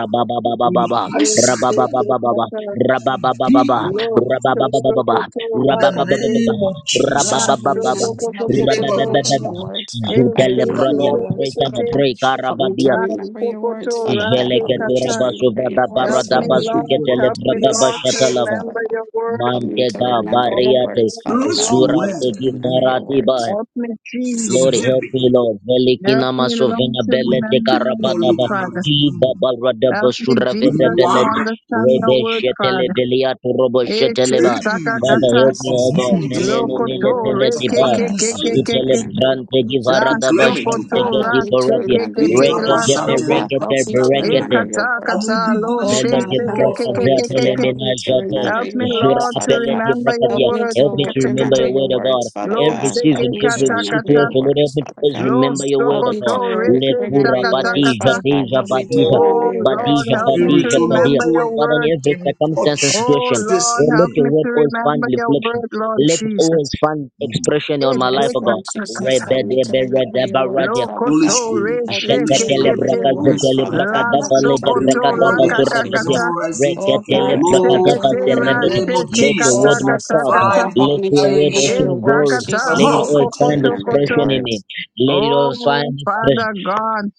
in my Yes, eyesight, O yes, yes, Lord, yes, Rabababababa, yes. let it be Rabababababa, in my Lo, mouth. so, so, so, Rabababababa, so, In the rakate, name Rabababababa, of la, Jesus so, Rabababababa, so, remember, Christ, so, help so, the me so, to so, labor so, remember Christ, your Rabababababa, the words, Father eh, God. she, Zutele Remember so, your Bradian, Lord, so, so, Praise words, so, and Father so, God. in Help the me to la, Karabadia, remember so, your so, so, words, Father God. rake, Help name me of Jelekete to Jesus kata. Christ. remember your Rabasuvada it Help words, is Father me, from Baradaba me, God. O Help Lord, me God, Suketele to help and me, Bradaba please remember Lord, your to assure Shatalava. words, Father remember God. your word. Help me to Mantega remember your Oh, Bariate words, Father not God. Lord, to Help me Zurate word to in remember you your Givarati words. Ba help me, from Lord Jesus. help me heaven Lord Help Velikina me, Lord, Masovena to with Belete remember deep your word, knowledge Karabadaba and Father. Iba understanding, Baradaba Help me, with Suraveda Jesus, to Belete wide understand range your Rebe word, Shetele Father. Beliatu Robo Eh, she, shetele ba. saka, Father kata, help me of Jesus, O help God me to views, Meleno remember Mele your Lokoto words, the Belete reke Father Ba ke God. ke pandus Help ke me to ke Zutele ke remember your Brante words. la to Givarada claim it Oh soko O to Bashante God, help ra Gedi me to che Paradia ke remember ke your te Ego la words, Rekete Father soko Bashantele God. Help Berekete me to Brasta e Berekete Kingdom. remember your kata I words. kata will be lo Oh she Velo God, de se grateful, come ke ke braka Lord, before ke you ke zete ke today. le ke Help me to jate. remember help your me Zura words, Lord to Father apele God. de remember braka your Help me word to Help Te me ke wo- to te ke remember te remember your your word, O God. words, Father lo Every se God. ke Help season, me to every kata remember kata your situation, Lord, help words, me to Father always God. lo remember your Help word, soko O me to God. to wor- reke remember Lekura your kata words, badija, kata Father God. deja Help me to to badija, remember oh your your words, Lord badija, Father help me God. to Spirit, badija, O Lord, badia. remember your Father, word in to every circumstance and encourage oh situation, touch this Lord in Lord, let help me. your me word to always remember find your reflection. word Lord Let it always Jesus find expression e on my Mm. se life, Yes, O God. Lord kata kata Jesus, Rebe help me to remember your de words, Father Holy Lokoto God. Spirit, Help me Holy to Jatele Spirit, remember reshekekete your braka Holy words, zetele Father Spirit. braka God. la Help That dava me le to can de be sokoto braka remember your la dava recorded words, and surabedia. Jesus. kakakata memorize it. It Oh will Reketele God, help braka me flow to dava esekete in remember your serebedia. the name words. of rasheke Let your kata Oh word, Jesus. my kata merciful Father, kata I God, my help let me to your word, O eyes, remember King your of words, Glory, esakata my let Jesus. it Help mouth. me all to find lokokoto remember your koto. expression in me. words. Let it all Oh, find expression. Father God.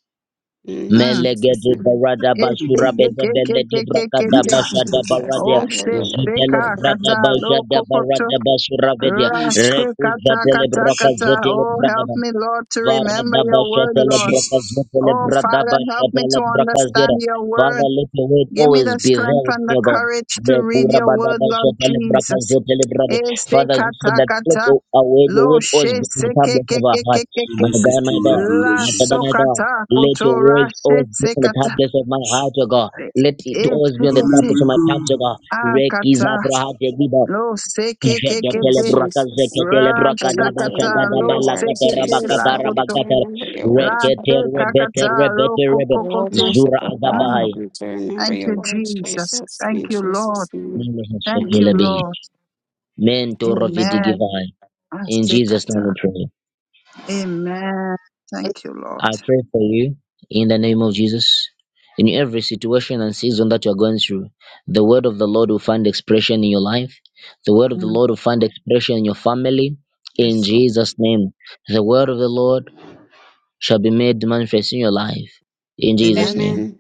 Mm, Mm. Jesus. Melegede name. barada Lift up to basura me. bede bele de braka Lift Esekekekekekekete. dava Yes, shada Jesus. baradia. Oh, Hallelujah. Zutele sheseka brada kata basha da lokokoto barada basura bedia. up rasheka Reku kata to jatele kata braka kata. zetele Oh, brada help ba. me, Lord, to remember your word, Lord. Jesus. Oh, Father, help me to Varadabashatelebrakazetelebrakazetelebrakazetera. understand your word. Father, let your word Give me always the be there strength with and the me, O God. courage to The read your word, Lord Jesus. kurabadabashatelebrakazetelebrade. Father, you said that let Esekatakata, your our word your lo word always be in the tablets of our hearts. My And shesekekekekeke, this is God, my the God, la my Father, revelation. my God. sokata Let your kotora words always be on the shesekata, tablets of my heart, O God. Let it always be on the esekete tablets of my tongues, O God. akata, Rekizabrahadegida. lo Jegetele Yes, sekekekeke, braka Jesus. zeketele ra braka Help me daba to shaga shakata, remember daba your lo words. lakatera sekete baka Jesus, la help dara me koto, baka to tera remember your la words. rekete Father God. rebete sekakata, ro rebete rebe Oh, kokokote. zura merciful God, Mm, agabahai help me to remember Thank your you, words. Jesus. Jesus, Thank in you, Jesus' Lord. name. mele Thank you, heshegele Amen. behi Lord. mento rovidi Amen. givai in Jesus name we Asekata. pray Amen. Thank you, Lord. I pray for you in the name of Jesus in every situation and season that you are going through the word of the Lord will find expression in your life the word of the Mm. Lord will find expression in your family in Yes, Lord. Jesus name the word of the Lord shall be made manifest in your life. In Jesus' Amen. name.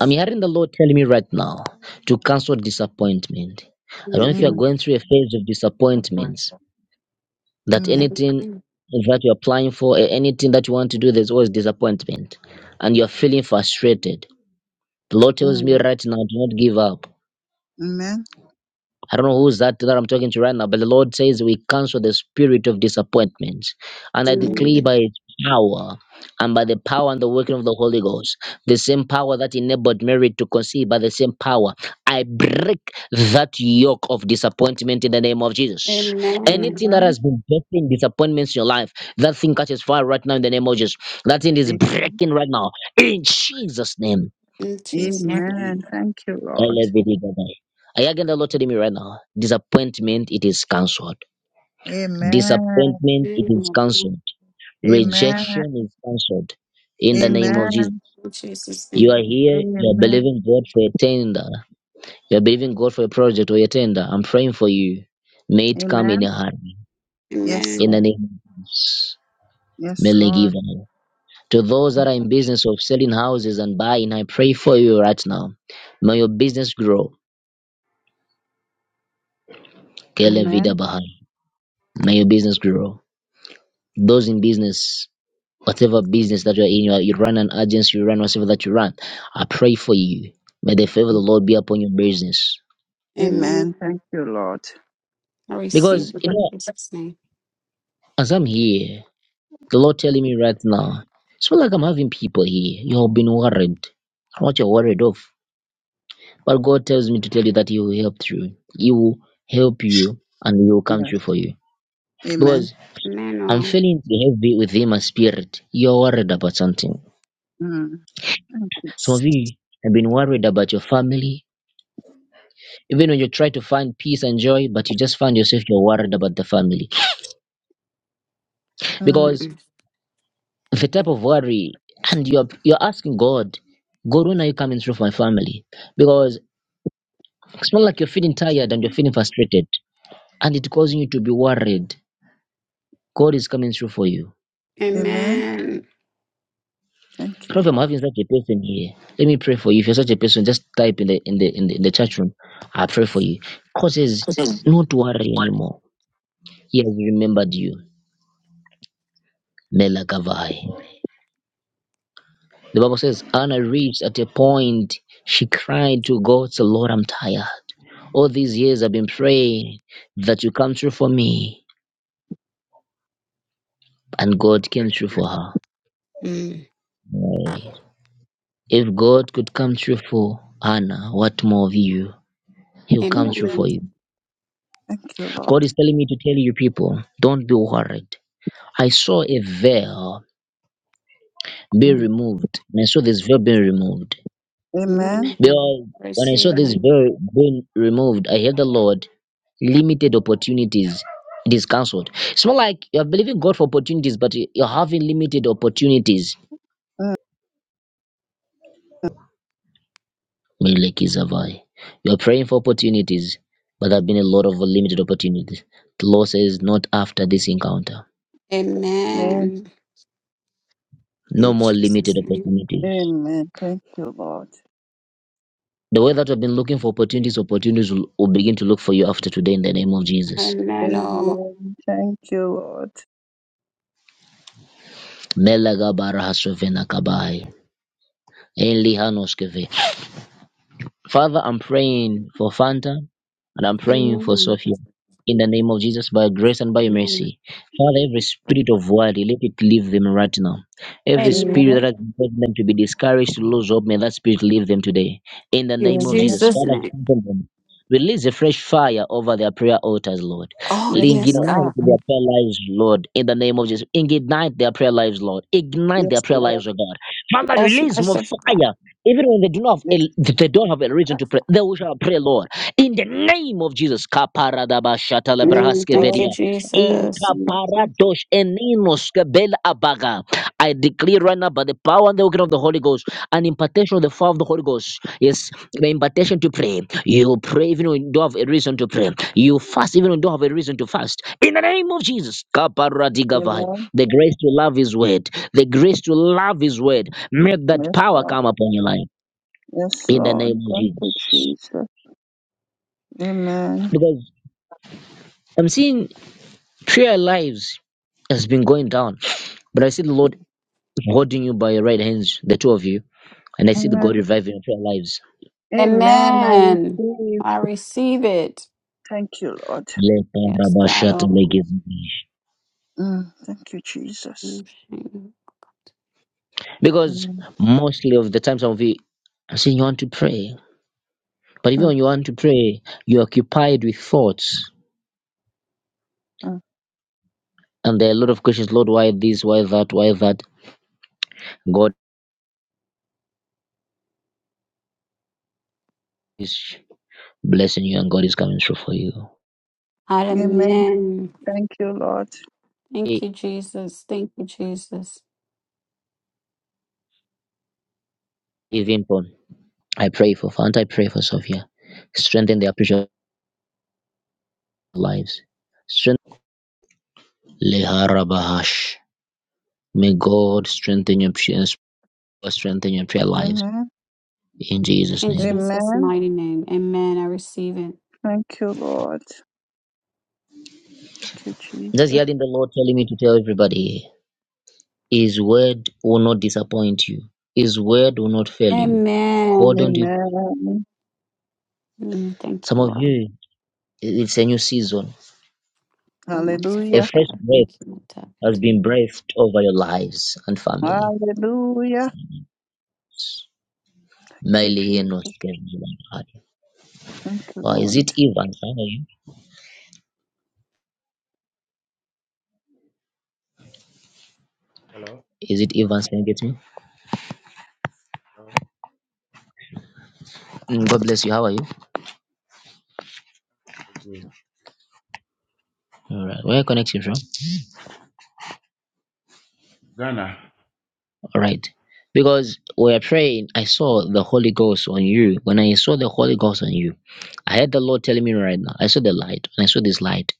I'm hearing the Lord telling me right now to cancel disappointment. I don't know if you Amen. are Mm. going through a phase of disappointments, that Mm. anything Amen. that you're applying for, eh, anything that you want to do, there's always disappointment. And you're feeling frustrated. The Lord tells me Mm. right now, do not give up. Amen. I don't know who's that that I'm talking to right now, but the Lord says we cancel the spirit of disappointment. And I declare Mm. by Amen. His power and by the power and the working of the Holy Ghost, the same power that enabled Mary to conceive, by the same power, I break that yoke of disappointment in the name of Jesus. Amen. Anything that Amen. has been breaking disappointments in your life, that thing catches fire right now in the name of Jesus. That thing is breaking right now in Jesus' name. In Jesus' name. Amen. Thank you, Lord. I again the Lord telling me right now, disappointment it is cancelled. Amen. Disappointment it is Amen. cancelled. Amen. Rejection is cancelled. In the name of Amen. Jesus. Amen. In Jesus' You are name. here, you are Amen. believing God for a tender. You are believing God for a project or a tender. I'm praying for you. May it come in Amen. your hand. Yes, In Amen. the Lord. name of Jesus. Yes, May Lord. give To those that Thank are in business of selling houses and buying, I pray for you right now. May your business grow. Kele vida Amen. bahai. May your business grow. those in business, whatever business that you're in, you, are, you run an agency, you run whatever that you run. I pray for you. May the favor of the Lord be upon your business. Amen. Amen. Thank you, Lord. I Because, receive it you in know, Jesus' name. as I'm here, the Lord telling me right now, it's not like I'm having people here. You have been worried. I'm What you're worried of. But God tells me to tell you that He will help through. He will help you and He will come Yes. through for you. Amen. Because Amen. I'm oh. feeling the heavy within my spirit. You're worried about something. Mm. Thank you. Some Jesus. of you have been worried about your family, even when you try to find peace and joy, but you just find yourself you're worried about the family Mm. because Mm. the type of worry, and you're you're asking God, God, when are you coming through for my family? Because it's not like you're feeling tired and you're feeling frustrated, and it causing you to be worried. God is coming through for you. Amen. Amen. Thank you, If I'm Lord. having such a person here, let me pray for you. If you're such a person, just type in the in the in the, in the chat room. I pray for you. Causes not to worry anymore. He has remembered you. Mela Gavai. The Bible says Anna reached at a point she cried to God, so Lord, I'm tired. All these years I've been praying that you come through for me. And God came through for her. Mm. Right. If God could come through for Anna, what more of you? He'll come through for Amen. you. Thank you, Lord. God is telling me to tell you people, don't be worried. I saw a veil be Mm. removed. And I saw this veil being removed. Amen. Mm. Because when I Receive. saw this Amen. veil being removed, I heard the Lord limited opportunities. It is cancelled. It's more like you're believing God for opportunities, but you- you're having limited opportunities. Mm. Melekizavai. You're praying for opportunities, but there have been a lot of limited opportunities. The Lord says, not after this encounter. Amen. No In more Jesus' limited name. opportunities. Amen. Thank you, Lord. The way that you've been looking for opportunities, opportunities will, will begin to look for you after today in the name of Jesus. Amen. oh. Amen. Thank you, Lord. Melagabarahasovena kabai. Enlihanoskeve. Father, I'm praying for Fanta and I'm praying for Amen. Sophia. In the name of Jesus, by your grace and by your Amen. mercy. Father, every spirit of worry, let it leave them right now. Every spirit Amen. that Amen. has led them to be discouraged, to lose hope, may that spirit leave them today. In the In name of Jesus, Amen. Jesus' Father, name. strengthen them. Release a fresh fire over their prayer altars, Lord. Oh, Yes, Ignite yes, Lord. God. their prayer lives, Lord, in the name of Jesus. Ignite their prayer lives, Lord. Ignite Yes, their prayer Lord. lives, O God. Father, Yes, release more merciful God. fire even when they do not have Yes, a, Lord. they don't have a reason to pray, they shall pray, Lord, in the name of Jesus. Yes, Mm, thank you, Lord. Kaparadabashatalebrahaskevedia. Thank you, Jesus. Jesus. Ikaparadosh eninoskebel abaga. I declare right now by the power and the working of the Holy Ghost, an impartation of the fire of the Holy Ghost. Yes, the impartation to pray. You pray even when you don't have a reason to pray. You fast even when you don't have a reason to fast. In the name of Jesus. Kaparadigavai. Amen. The grace to love His word. The grace to love His word. May that Yes, power Lord. come upon your life Yes, in the Lord. name of Thank you, Jesus. Jesus. Amen. Because I'm seeing three lives has been going down, but I see the Lord holding you by your right hands, the two of you, and I see the Amen. God reviving your prayer lives. Amen. I Amen. receive. I receive it. Thank you, Lord. Yes, God. Oh, Mm. Thank you, Jesus. Because Mm. mostly of the time, some of you, I'm seeing you want to pray, but even Mm. when you want to pray, you're occupied with thoughts, Mm. and there are a lot of questions. Lord, why this? Why that? Why that? God is blessing you, and God is coming through for you. Amen. amen. Thank you, Lord. Thank E- you, Jesus. Thank you, Jesus. Even I pray for Fanta, I pray for Sophia. Strengthen their precious lives. Strengthen Leharabahash. May God strengthen your prayers, strengthen your prayer lives Amen. in Jesus' In name. Jesus' Amen. mighty name. Amen. I receive it. Thank you, Lord. Thank you, Just Jesus. hearing the Lord telling me to tell everybody His word will not disappoint you. His word will not fail you. Hold on Amen. to it. Amen. Mm, thank you, some of Lord. you. It's a new season. Oh, A merciful Hallelujah. fresh God. breath Thank you. Lord. Tap has into been me. breathed over your lives and family. Hallelujah. Thank you, Miley Enos Jesus. Kevin Lampard. Thank you, Wow, is Lord. it Evans? How are you? Hello? Is it Evans Can you get me? Hello? Mm, God bless you. How are you? Good. All right. Where are you connecting from? Ghana? All right. Because we are praying, I saw the Holy Ghost on you. When I saw the Holy Ghost on you, I heard the Lord telling me right now. I saw the light, and I saw this light.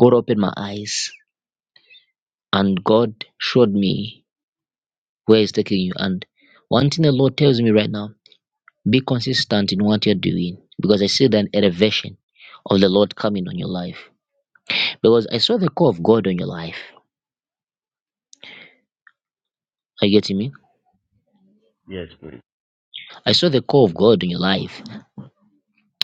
God opened my eyes, and God showed me where He's taking you. And one thing the Lord tells me right now: be consistent in what you're doing, because I see an elevation of the Lord coming on your life. Because I saw the call of God on your life. Are you getting me? Yes, please. I saw the call of God in your life,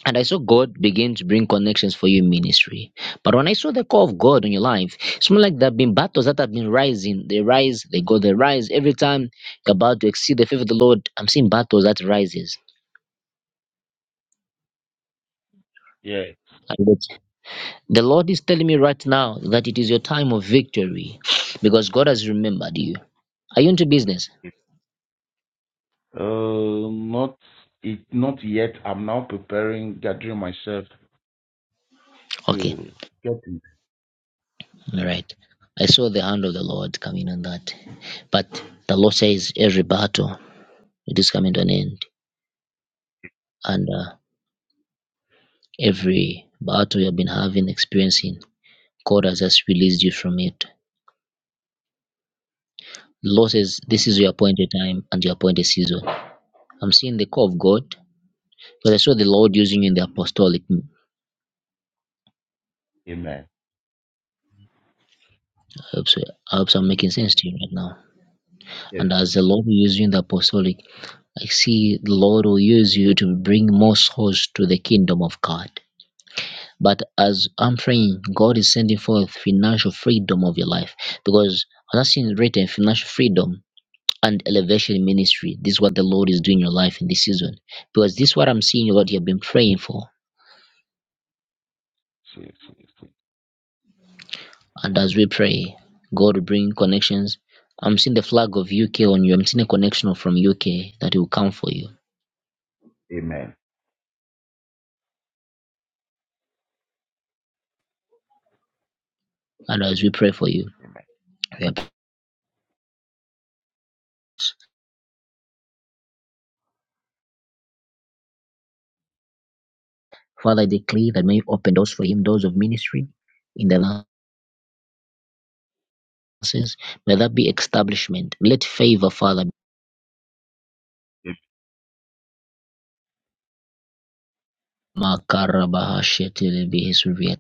and I saw God begin to bring connections for your ministry. But when I saw the call of God in your life, it's more like there have been battles that have been rising. They rise, they go, they rise. Every time you're about to exceed the favor of the Lord, I'm seeing battles that rises. Yes. And it's- The Lord is telling me right now that it is your time of victory because God has remembered you. Are you into business? Uh, not it, not yet. I'm now preparing, gathering myself Okay, to get into all right. I saw the hand of the Lord coming on that. But the Lord says every battle, it is coming to an end. and uh, every battle you have been having, experiencing, God has just released you from it. Losses, this is something. your appointed time and your appointed season. I'm seeing the call of God, but I saw the Lord using you in the apostolic. I Amen. hope, so, I hope so I'm Amen. making sense to you right now. Yes. And as the Lord will use you in the apostolic, I see the Lord will use you to bring more souls to the kingdom of God. But as I'm praying, God is sending forth financial freedom of your life because I'm not seeing written financial freedom and elevation ministry. This is what the Lord is doing in your life in this season. Because this is what I'm seeing what you've been praying for. Yes, yes, yes. And as we pray, God will bring connections. I'm seeing the flag of UK on you. I'm seeing a connection from UK that will come for you. Amen. And as we pray for you, we are- Father, I declare that may you open doors for him, doors of ministry in the lances. May that be establishment. Let favor, Father. Makarabahashetelebehesuvia.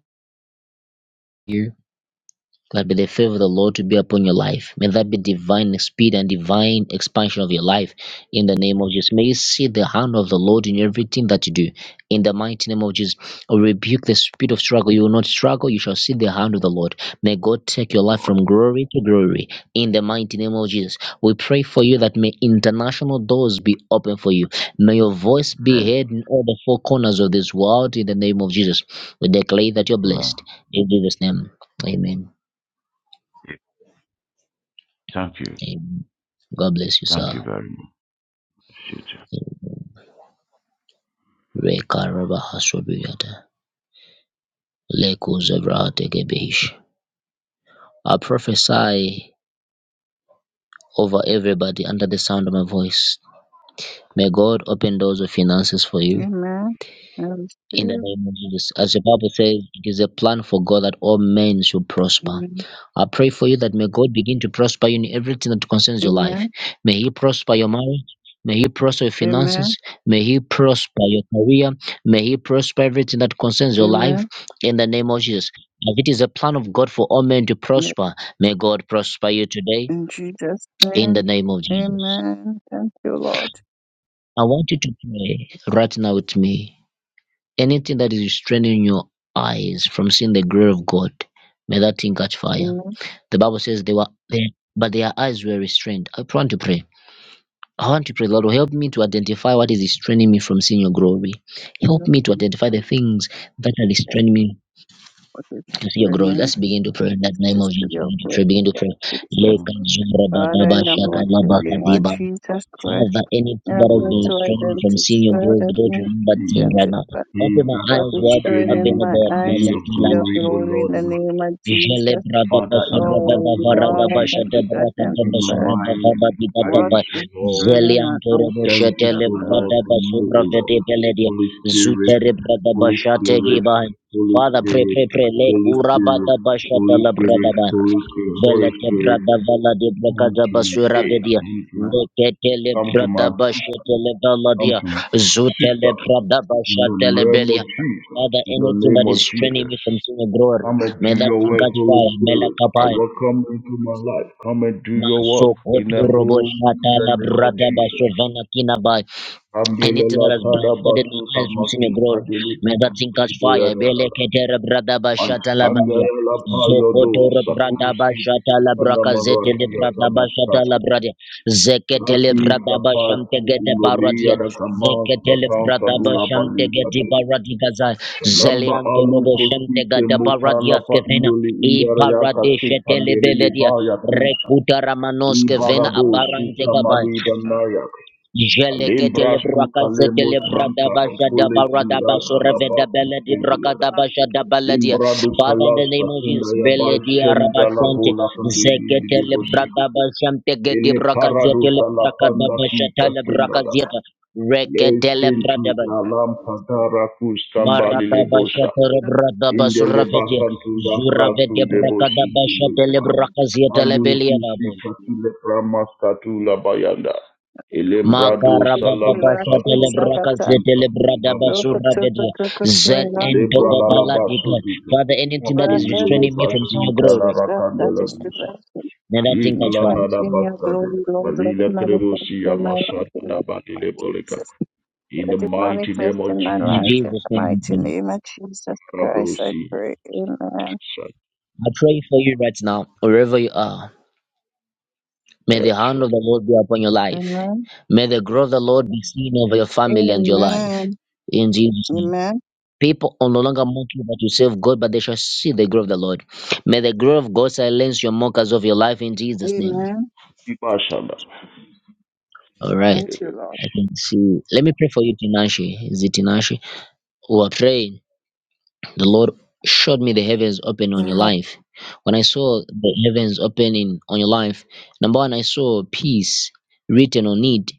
That be the favor of the Lord to be upon your life. May that be divine speed and divine expansion of your life in the name of Jesus. May you see the hand of the Lord in everything that you do. In the mighty name of Jesus, I rebuke the spirit of struggle. You will not struggle, you shall see the hand of the Lord. May God take your life from glory to glory. In the mighty name of Jesus, we pray for you that may international doors be open for you. May your voice be Amen. heard in all the four corners of this world. In the name of Jesus, we declare that you're Amen. blessed. In Jesus' name, amen. Yes. Thank you. Amen. God bless you, Thank sir. you very much. Future. Reka raba hasobiyata. Leko zebra tegebehish. I prophesy over everybody under the sound of my voice. May God open doors of finances for you. Amen. I in the receive. name of Jesus. As the Bible says, it is a plan for God that all men should prosper. Amen. I pray for you that may God begin to prosper you in everything that concerns your Amen. life. May He prosper your marriage. May He prosper your Amen. finances. May He prosper your career. May He prosper everything that concerns your life Amen. in the name of Jesus. As it is a plan of God for all men to Yes. prosper, may God prosper you today In Jesus' in the name. name of Jesus. Amen. Thank you, Lord. I want you to pray right now with me. Anything that is restraining your eyes from seeing the glory of God, may that thing catch fire. Amen. The Bible says they were there, but their eyes were restrained. I want to pray. I want to pray, Lord, help me to identify what is restraining me from seeing your glory. Help Yes, me to identify the things that are Jesus. restraining me For this to see your doing glory. in Let's begin to pray in Christ, that name just of to Jesus. your glory, Begin to Lord pray. Begin Jesus. Father, in Yes, the Lord, to mighty name pray. to of pray Jesus Christ. have that energy We, O that Help has me been Lord, to who restraining me are from seeing identify, your help divine. glory, me but don't remember See things right now. identify He Open my that what are eyes is wide going restraining open, me oh my from God. eyes seeing to your Meleki see your glory, ladaha. O glory in Lord, the in my name of Jele Jesus. brada Father, in basura the brada Oh mighty dava name of rada Lord, basha help Jesus. de me to braka de In my basu identify brada mind, in vava my di bada what ba. eyes, O is Lord, going Zeli my antore eyes to boshe see senses, your tele O glory. brada Lord, to know, basura O rave de Lord. Holy Spirit, Sugar, Zutere brada Holy basha tegi Spirit, bahan. Holy Father, pray, Spirit, pray, pray. Le sugar, Holy Spirit, kurabada basha de Holy la brada Spirit, ba. Holy Spirit, Holy Velete Spirit, brada vala de come bracada to my basura sugar, sugar, aid, sugar, vedia. Reketele come to me, come to brada my sis- bashetele come valadia. to my Zutele sisters, brada in the bashatele name of belia. Jesus, Father, in the anything that name is of straining me from Jesus. seeing your glory, Come and do may that your thing work, catch Holy fire. Mela Spirit. I kapai. welcome you into my life. Come and do your Maso work in koto the robo home shata in the la name of brada Jesus. basovana kinabai anything that Kambelela has tada blindfolded basu my eyes from seeing your tamaki glory, kadele may bi that thing ukuti catch fire. boyani anara. Belekete bradaba shata labania. lapa yodo Zokoto bradaba sakurusi shata isanda labraka zete marwati le ya bradaba shata labradia. Zekete le Lati bradaba shamte sapati gede iloli baradia. ya kama Zekete le satan bradaba salula shamte bali gede kade. baradiga za. Shalamba Zelianto alu robo shamte kosike gede mutala baradia pa skevena. indoli I indara yaka sik baradeshe tele pandele liba beledia. yakusha. Rekuta ramanoske vena Ibarado no, abarante suka sugar, sugar. gabai. malida Sugar, nayak. Alimbra Jeleketele suka lemo brakazetele santa sugar, bradabashada okule sugar, sindada la pa sugar, baradabashoreveda beledi kuskendiyara. brakadabashada baladia. Limbra Father, in dukala the name of sakinda Jesus, ya ba beledi shenda la arabashante, bola pandeli zeketele libo sika. bradabashante gedi Ele parado brakazetele salapanda fika brakadabashatale skinda daba. brakazieta, sugar, Le reketele sentu bradaba, na sugar, sugar, lampa sugar. dara kustambali That lebosha is the maradabashatore best. in the leba bradabasuravede, santunda krasu zuravede de boshi brakadabashatele kileba. brakazietele Aliki belieta. shika kile pramaska tula bayanda. Ilembrado salamakato santika tula baya. Makarabababashatelebrakazetelebradabasurabede. Ilebra la la baso dika. Father, anything that Aku is ilele restraining me from seeing your pasinta la glory, rakandela dusa. may that thing catch fire. Iklana Manifest da in your baskade. glory, Lord. Let it Balila manifest kremosi in my amasa life in the da name of badile boleka. Jesus. In Let the it mighty manifest name of in my In Jesus, life in Christ. Jesus' the name, I mighty pray. name of Jesus Christ. I Rabrosi. pray. Amen. I pray for you right now, wherever you are. May the hand Yes. of the Lord be upon your life. Amen. May the growth of the Lord be seen over your family and your life. Amen. In Jesus' name. Amen. People are no longer mocking but you serve God, but they shall see the glory of the Lord. May the glory of God silence your mockers of your life in Jesus' name. Amen. Ibashanda. All Thank right. you, Lord. I can see. Let me pray for you, Tinashi. Is it Tinashi Who are praying. The Lord showed me the heavens open on your Amen. life. When I saw the heavens opening on your life, number one, I saw peace written on it.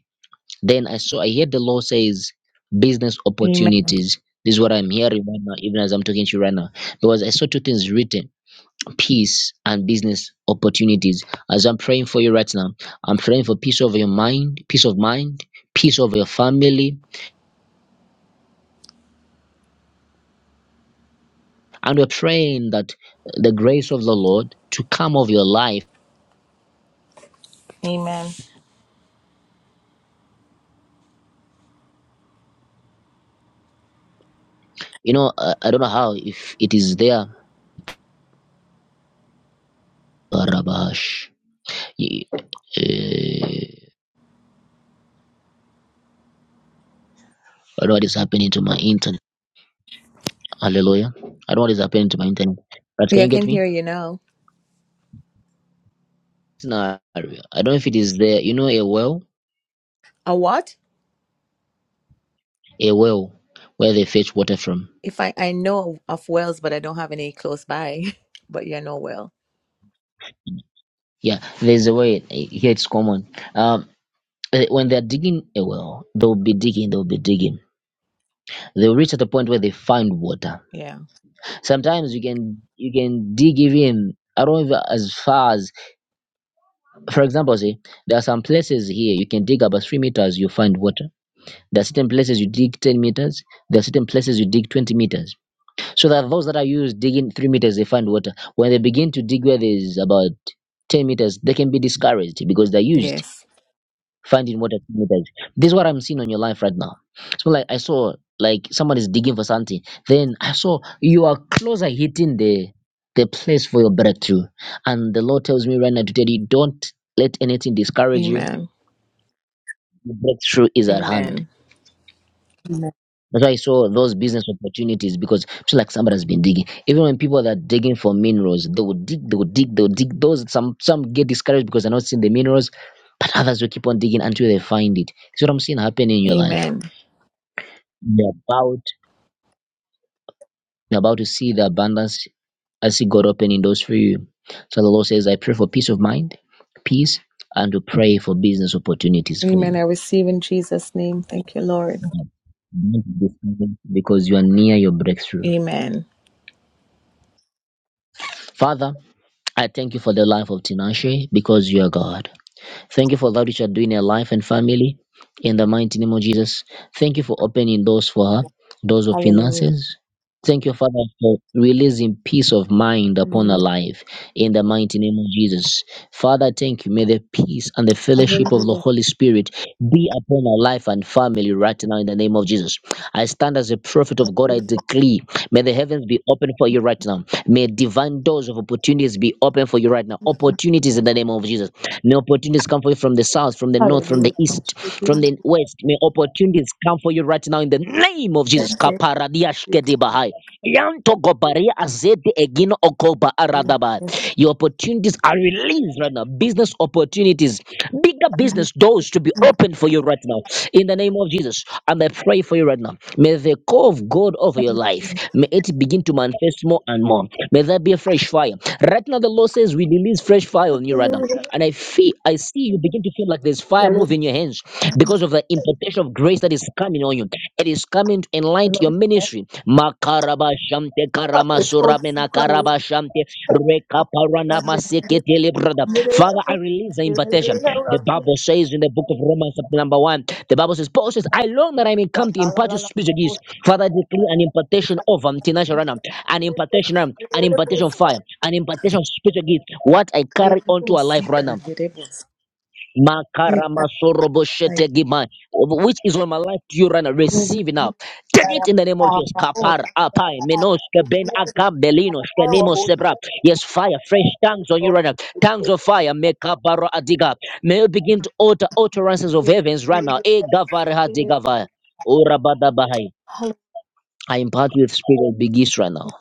Then I saw, I heard the Lord says business Amen. opportunities. This is what I'm hearing right now, even as I'm talking to you right now. Because I saw two things written peace and business opportunities. As I'm praying for you right now, I'm praying for peace over your mind, peace of mind, peace over your family. And we're praying that the grace of the Lord to come over your life. Amen. You know, uh, I don't know how, if it is there. Barabash. eh, I don't know what is happening to my internet. Hallelujah. I don't know what is happening to my internet. But can Yeah, I you get can me? hear you now. Scenario. I don't know if it is there. You know, a well, A what? a well where they fetch water from. If I I know of wells, but I don't have any close by. But yeah, no well. Yeah, there's a way eh, here it's common. Um, eh, when they're digging a well, they'll be digging, they'll be digging. They'll reach at a point where they find water. Yeah. Sometimes you can you can dig even I don't even as far as for example, say there are some places here you can dig about three meters, you find water. There are certain places you dig ten meters, there are certain places you dig twenty meters. So that those that are used digging three meters they find water. When they begin to dig where there's about ten meters, they can be discouraged because they're used Yes. finding what I think it is. This is what I'm seeing on your life right now. So like I saw like somebody's digging for something. Then I saw you are closer hitting the the place for your breakthrough. And the Lord tells me right now to tell you, don't let anything discourage you. Amen. The breakthrough is at hand. Amen. Amen. That's why I saw those business opportunities because it's like somebody has been digging. Even when people that are digging for minerals, they will dig, they will dig, they will dig. Those some some get discouraged because they're not seeing the minerals, but others will keep on digging until they find it. It's what I'm seeing happening in your life. Amen. You're about, you're about to see the abundance I see God opening doors for you. So the Lord says, I pray for peace of mind, peace, and to pray for business opportunities for you. Amen. I receive in Jesus' name. Thank you, Lord. Yeah. Don't be discouraged Because you are near your breakthrough. Amen. Father, I thank you for the life of Tinashe because you are God. Thank you for that which you are doing in her life and family. In the mighty name of Jesus. Thank you for opening doors for her, doors of Hallelujah. finances. Thank you, Father, for releasing peace of mind upon her Hallelujah. life. In the mighty name of Jesus. Father, thank you. May the peace and the fellowship of the Hallelujah. Holy Spirit be upon our life and family right now in the name of Jesus. I stand as a prophet of God. I decree, may the heavens be open for you right now. May divine doors of opportunities be open for you right now. Opportunities in the name of Jesus. May opportunities come for you from the south, from Hallelujah. the north, from the Hallelujah. Thank east, you. from the west. May opportunities come for you right now in the name of Thank Jesus. you. Kaparadia Thank shkedi bahaya. Yanto gobaria azedi egino okoba aradaba. you. Your opportunities are released right now. Business opportunities, bigger business doors to be opened for you right now. In the name of Jesus, and I pray for you right now. May the call of God over your life may it begin to manifest more and more. May there be a fresh fire. Right now, the Lord says we release fresh fire on you right now. Hallelujah. And I feel, I see you begin to feel like there's fire Hallelujah. moving your hands because of the impartation of of grace that is coming on you. It is coming to enlighten your ministry. Makaraba shamte Karama Makarabashante karamasuramena karabashante Hallelujah. rekaparanamaseketele, brother. Hallelujah. Father, I release the invitation. The Bible says in the book of Romans, chapter number one, the Bible says, Paul says, I long that I may come to impart your spiritual gifts. Father, I declare an impartation of um, Tinashe Rana, an impartation, um, an impartation of fire, an impartation of spiritual gifts. What I carry onto our life right now. Makaramasoroboshetegimai. Which is on my life to you right now. Receive it now. Take it in the name of Jesus. Kapar apai menos keben akam belino skenimo sebra. Yes, fire, fresh tongues on you right now. Tongues of fire. Mekabaro adiga. May you begin to utter utterances of heavens right now. E gavarha digavai. Ora badabahai. I impart with spirit of big right now.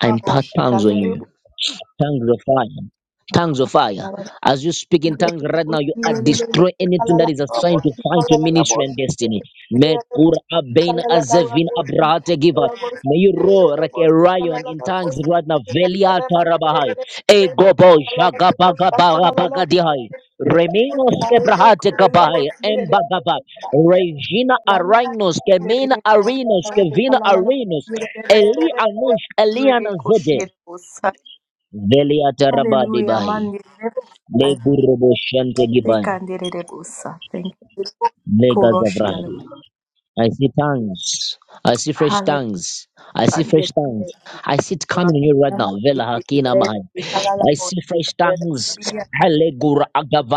I impart tongues on you. Tongues of fire. Tongues of fire. As you speak in tongues right now, you are destroy anything that is assigned to fight your ministry and destiny. May Kur Abain Hallelujah, Azevin Abrahate Giva. May you roar like a lion in tongues right now. Velia Tarabahai. Egobo Jagabagabarabagadihai. Reminos Kebrahate Kabahai. Embagaba. Regina Arinos. Kemina Arinos. Kevina Arinos. Eli Anush. Eliana Zede. Veli ataraba debahi. man. Le I gurubo shante think gibai. I did it. Thank you. Le gazavrahi. I see tongues. I see fresh Hallelujah. tongues. I see fresh Hallelujah. tongues. I see it coming here right now. Vela hakina mahai. I see fresh tongues. Halegura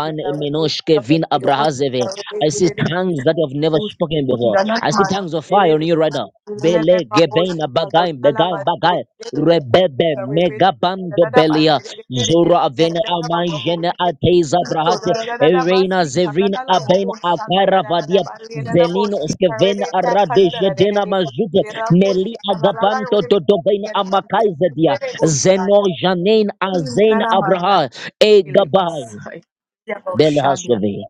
Thank eminoshke vin abrahazeve. I see tongues that have never spoken before. I see tongues of fire on you right now. Bele gebein abagai begai bagai. Rebebe megabando belia zora avena amai jene ateiza brahate erena zevrin aben akara Zelino, Kevin Aradesha Dena Mazude Meli Agabanto Dodobain Amakaizadia Zeno Janin Azain Abraha E Gabai you. Belhasove.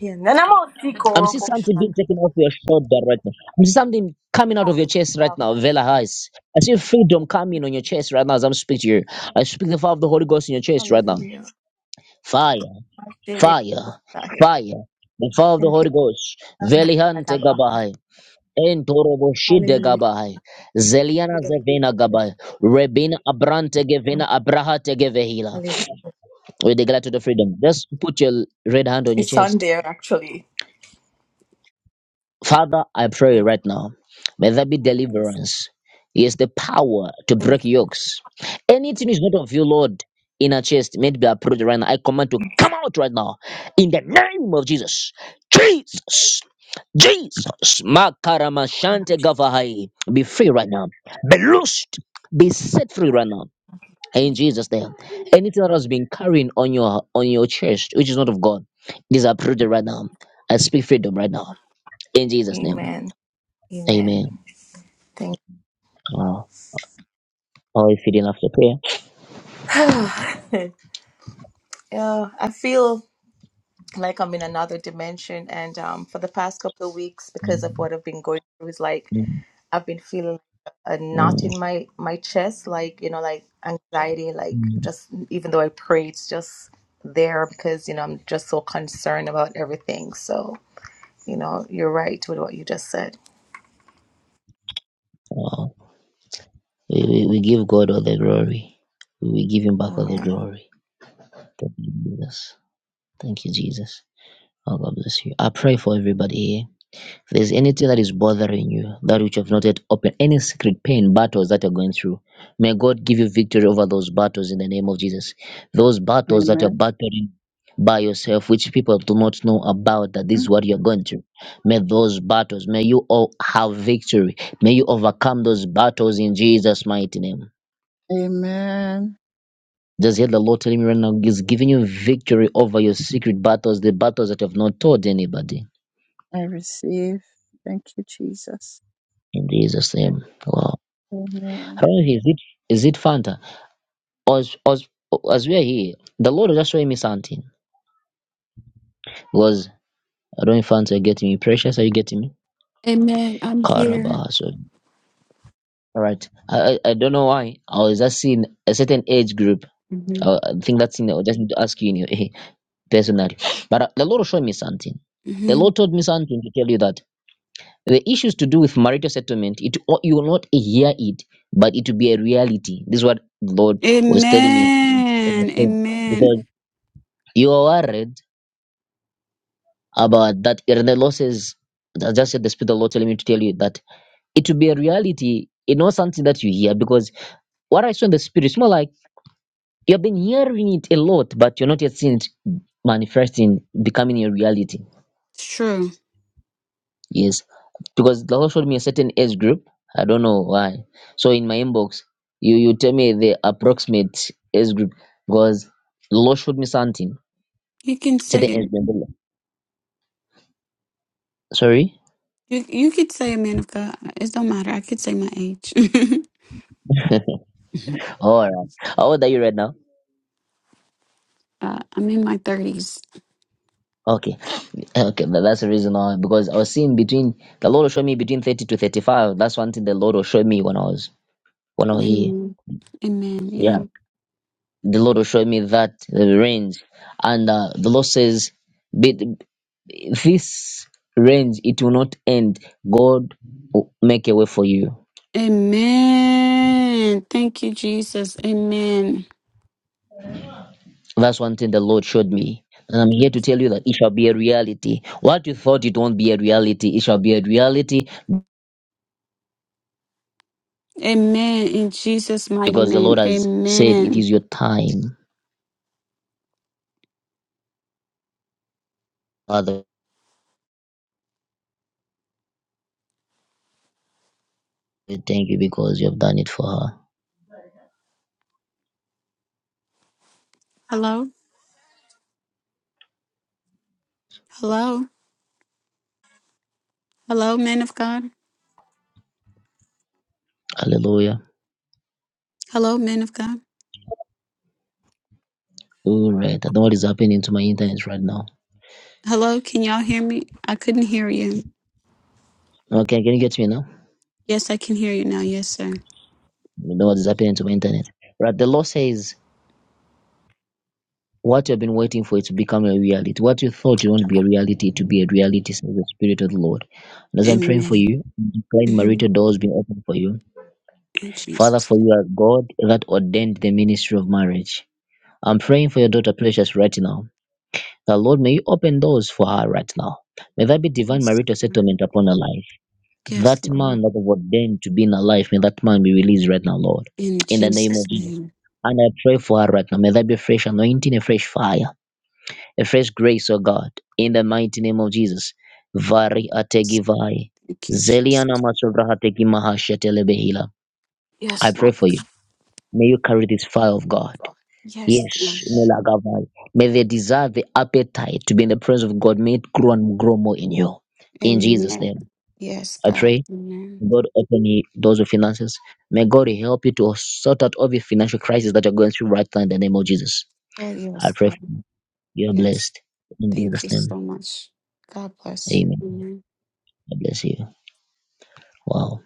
Yeah, na- na mautiko I'm seeing robo something being shanda. taken off your shoulder right now. I'm seeing something coming out of your chest right now, Vela Hais. I see freedom coming on your chest right now as I'm speaking to you. I speak the fire of the Holy Ghost in your chest right now. Hallelujah. Fire, Mashere fire, kusaya. fire. The fire of the Thank you. Holy Ghost. Velihante Kadaba. Gabai. Entoroboshide Hallelujah. gabai, Zeliana zevena gabai, Rebina abrante gevena abrahate gevehila. Hallelujah. We declare to the freedom. Just put your red hand on your It's on chest. there actually. Father, I pray Thank right you. now, may there be Yes. deliverance. Yes, the power to Thank you break yokes. Anything is not of you, Lord, in our chest, may it be approved right now. I command to come out right now in the name of Jesus. Jesus. Jesus. so Makaramashante much. Gavahai. Be free right now. Be loosed. Be set free right now. In Jesus' name. Anything that has been carrying on your on your chest, which is not of God, is approved right now. I speak freedom right now. In Jesus' name. Amen. Amen. Amen. Thank you. Wow. or if you didn't have the prayer, Yeah, I feel like I'm in another dimension and um for the past couple of weeks because of mm, what I've been going through is like mm, I've been feeling a knot mm, in my my chest, like you know, like anxiety, like mm. just even though I pray, it's just there because you know I'm just so concerned about everything. So you know, you're right with what you just said. Uh, we, we, we give God all the glory. We give Him back all the Amen. glory. Thank you, Jesus. Thank you, Jesus. Oh, God bless you. I pray for everybody here. there's anything that is bothering you, that which you have not yet opened, any secret pain, battles that you're going through, may God give you victory over those battles in the name of Jesus. Those battles that you're Amen. battling by yourself, which people do not know about, that this is what you're going through. May those battles, may you all have victory. May you overcome those battles in Jesus' mighty name. Amen. Just hear the Lord telling me right now, He's giving you victory over your secret battles, the battles that you have not told anybody. I receive. Thank you, Jesus. In Jesus' Thank- name. Wow. I Amen. don't know, Is it, is it Fanta? as as as we are here, the Lord is just showing me something. Because I don't know if fans are getting me. Precious, are you getting me? Amen. I'm here. Karabahaso. All right. I, I I don't know why. I was just seeing a certain age group. Mhm. Uh, I think that's thing I would just need to ask you in your, personally. But uh, the Lord was showing me something. The Mhm. Lord told me something to tell you that the issues to do with marital settlement, it o- you will not hear it, but it will be a reality. This is what the Lord was telling me. Amen. Amen. Because you are worried Uh, but that Irene losses, that's just at the spirit of the Lord telling me to tell you that it will be a reality, you know, something that you hear. Because what I saw in the spirit is more like you have been hearing it a lot, but you're not yet seeing it manifesting, becoming a reality. It's true. Yes. Because the Lord showed me a certain age group. I don't know why. So in my inbox, you, you tell me the approximate age group because the Lord showed me something, You can say certain age it. group. Sorry? You, you could say a man of God. It don't matter. I could say my age. All right. How old are you right now? uh, I'm in my 30s. Okay. Okay, tha- that's the reason why. Because I was seeing between the Lord will show me between thirty to thirty-five. That's one thing the Lord will show me when I was when I was here. Amen. Amen. Yeah. Yeah, the Lord will show me that the range, and uh, the Lord says, "But this range it will not end. God will make a way for you." Amen. Thank you, Jesus. Amen. That's one thing the Lord showed me. And I'm here to tell you that it shall be a reality. What you thought it won't be a reality, it shall be a reality Amen. In Jesus' mighty because the name. Lord has said it Amen. is your time. Father. We thank you because you have done it for her. Hello. Hello. Hello, men of God. Hallelujah. Hello, men of God. All right. I don't know what is happening to my internet right now. Hello. Can y'all hear me? I couldn't hear you. Okay, can you get me now? Yes, I can hear you now. Yes, sir. You know what is happening to my internet. Right. The Lord says what you've been waiting for it to become a reality. What you thought you won't be a reality to be a reality, says the Spirit of the Lord. And as I'm praying for Amen. you, I'm declaring hmm marital doors being open for you. In Father, Jesus. for you are God that ordained the ministry of marriage. I'm praying for your daughter Precious right now. The Lord, may you open doors for her right now. May there be divine Yes, marital Lord. settlement upon her life. Yes, That Lord. man that was ordained to be in her life, may that man be released right now, Lord. In In the name Jesus' of Jesus. name. And I pray for her right now. May there be a fresh anointing, a fresh fire, a fresh grace, oh God. In the mighty name of Jesus. Vari ategivai. Thank you, Jesus. Zeliana masobrahateki mahashetelebehila. I Yes, pray Lord. for you. May you carry this fire of God. Yes, Lord. Yes, Melagavai. May the desire, the appetite to be in the presence of God, may it grow and grow more in you. In Jesus' Amen. name, Yes, I God. pray. Amen. God open you doors of finances. May God help you to sort out all the financial crisis that you're going through right now in the name of Jesus. Oh, yes, I pray for God. you. You're Yes. blessed. In Thank Jesus' you name. so much. God bless you. Amen. Amen. God bless you. Wow.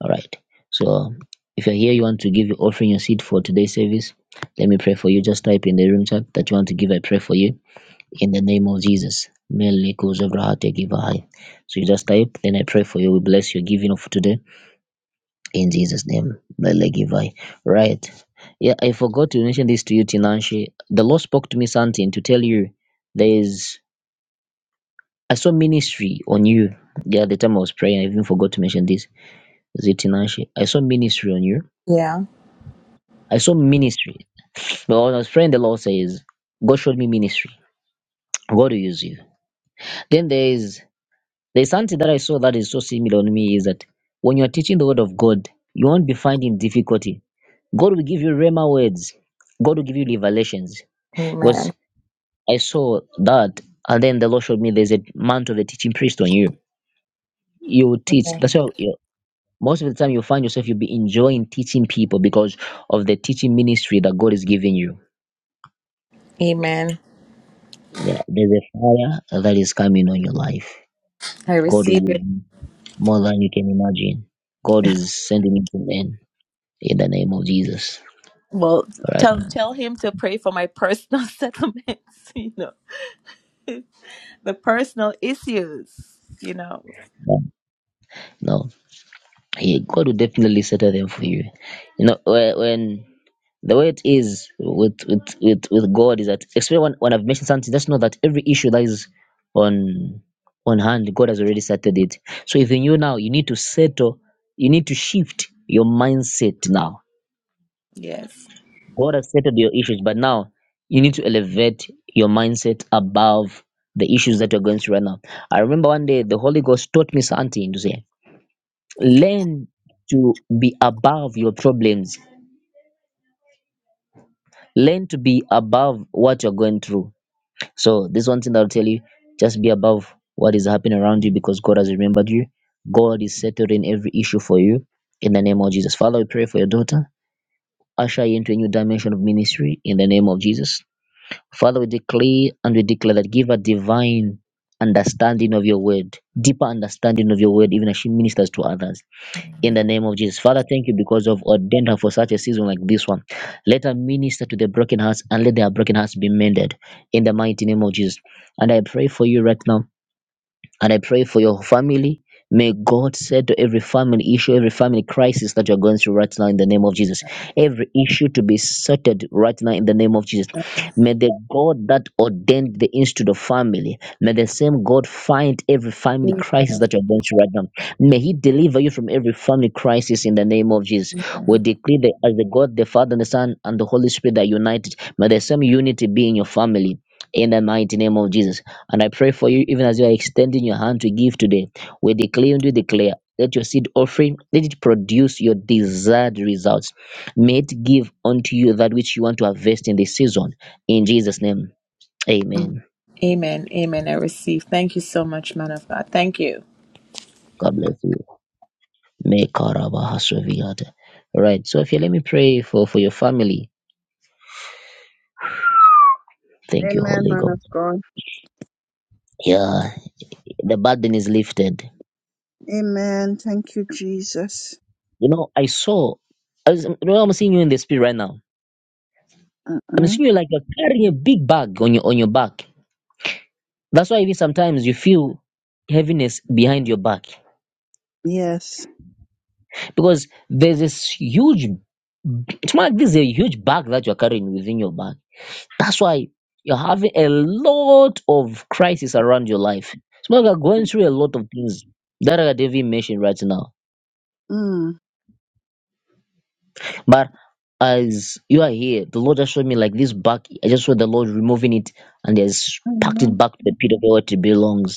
All right. So um, if you're here, you want to give your offering your seed for today's service, let me pray for you. Just type in the room chat that you want to give. I pray for you in the name of Jesus. Mele kuzo vrahate high. So you just type, then I pray for you. We bless your giving of today. in Jesus' name. Lelegivai. Right. Yeah, I forgot to mention this to you, Tinanshi. The Lord spoke to me something to tell you there's I saw ministry on you. Yeah, the time I was praying, I even forgot to mention this. Is it Tinanshi? I saw ministry on you. Yeah. I saw ministry. But when I was praying, the Lord says, God showed me ministry. God will use you. Then there is there's something that I saw that is so similar on me is that when you are teaching the word of God, you won't be finding difficulty. God will give you rhema words. God will give you revelations. Because Amen. I saw that, and then the Lord showed me there's a mantle of the teaching priest on you. You will teach. Amen. That's why you most of the time you find yourself you'll be enjoying teaching people because of the teaching ministry that God is giving you. Amen. Yeah, there's a fire that is coming on your life. I God will receive use it. you more than you can imagine. God is sending it to men in the name of Jesus. Well, All right. tell tell him to pray for my personal settlements. You know, the personal issues. You know. No, he, God will definitely settle them for you. You know, whe- when the way it is with with with, with God is that especially when, when I've mentioned something, just know that every issue that is on on hand, God has already settled it. So even you now, you need to settle, you need to shift your mindset now. Yes. God has settled your issues, but now you need to elevate your mindset above the issues that you're going through right now. I remember one day the Holy Ghost taught me something to say, learn to be above your problems, learn to be above what you're going through So this one thing that I'll tell you, just be above what is happening around you because God has remembered you. God is settling every issue for you in the name of Jesus. Father, we pray for your daughter. Usher her into a new dimension of ministry in the name of Jesus. Father, we declare and we declare that give her divine understanding of your word, deeper understanding of your word, even as she ministers to others in the name of Jesus. Father, thank you because of ordained her for such a season like this one. Let her minister to the broken hearts and let their broken hearts be mended in the mighty name of Jesus. And I pray for you right now and I pray for your family. May God settle every family issue, every family crisis that you're going through right now in the name of Jesus. Every issue to be settled right now in the name of Jesus. May the God that ordained the institute of family, may the same God find every family crisis Amen. that you're going through right now. May He deliver you from every family crisis in the name of Jesus. We decree that as the God, the Father, and the Son, and the Holy Spirit are united, may the same unity be in your family in the mighty name of Jesus. And I pray for you, even as you are extending your hand to give today, we declare and we declare. Let your seed offering, let it produce your desired results. May it give unto you that which you want to harvest in this season. In Jesus' name, amen. Amen. Amen. I receive. Thank you so much, man of God. Thank you. God bless you. May Karaba Hasraviyata. Right. So if you let me pray for, for your family. Thank you, Amen, Holy man God. of God. Yeah, the burden is lifted. Amen. Thank you, Jesus. You know, I saw, I was, you know, I'm seeing you in the spirit right now. I'm Uh-uh. seeing you like you're carrying a big bag on your on your back That's why even sometimes you feel heaviness behind your back Yes. because there's this huge, it's more like this is a huge bag that you're carrying within your back. That's why you're having a lot of crisis around your life. It's more like you're going through a lot of things that are even mentioned right now. Mm. But as you are here, the Lord just showed me like this bag. I just saw the Lord removing it and has packed it Amen. back to the pit of where it belongs.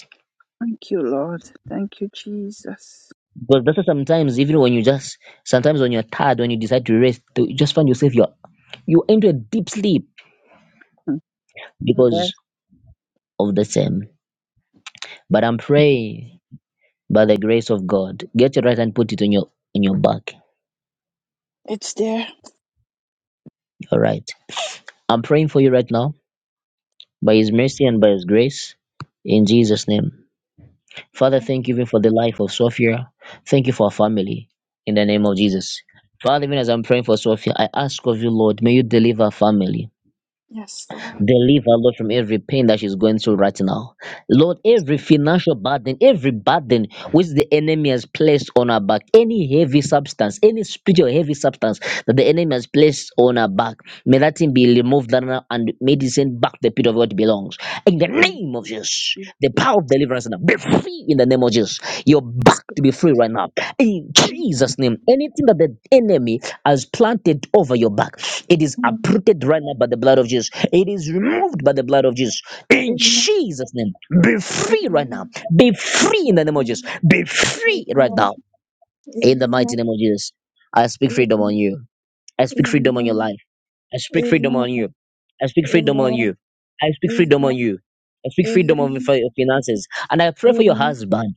Thank you, Lord. Thank you, Jesus. Because that's why sometimes, even when you just, sometimes when you're tired, when you decide to rest, to- you just find yourself you're you into a deep sleep Mm. Yes. because of the same. But I'm praying by the grace of God. Get your right hand, put it on your on your back. It's there. All right. I'm praying for you right now by His mercy and by His grace, in Jesus' name. Father, thank you even for the life of Sophia. Thank you for our family. In the name of Jesus. Father, even as I'm praying for Sophia, I ask of you, Lord, may you deliver her family. Yes, Lord. Deliver, Lord, from every pain that she's going through right now. Lord, Yes, every financial burden, every burden which the enemy has placed on her back, any heavy substance, any spiritual heavy substance that the enemy has placed on her back, may that thing be removed right now and may it sent back the pit of what belongs. In the Lord. name of Jesus, Jesus. the power of deliverance now. Be free in the name of Jesus. You're Yes, back Lord. to be free right now. In Jesus' name, Amen. anything that the enemy has planted over your back, it is Amen. uprooted right now by the blood of Jesus. It is removed by the blood of Jesus. In Jesus' name, be free right now. Amen. Be free in the Amen. name of Jesus. Be free right Amen. now. In the mighty Amen. name of Jesus, I speak freedom Amen. on you. I speak freedom on your Amen. life. I speak freedom Amen. on you. I speak freedom on Amen. you. I speak freedom on Amen. you. I speak freedom on fi- finances. And I pray for your Amen. husband.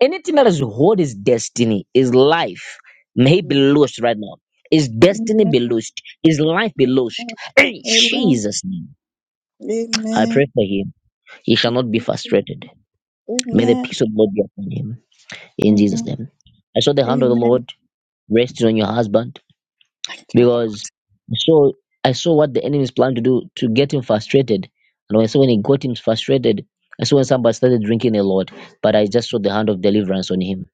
Anything that is hold his destiny, his life may be Amen. lost right now. His destiny be Amen. lost. His life be lost. In Amen. Amen. Jesus' name. I pray for him. He shall not be frustrated. May the Amen. peace of God be upon him. In Jesus' Amen. name. I saw the hand of the Amen. Lord resting on your husband. Thank you, Lord. because I saw I saw what the enemies planned to do to get him frustrated. And when I saw when he got him frustrated, I saw when somebody started drinking a lot. But I just saw the hand of deliverance on him.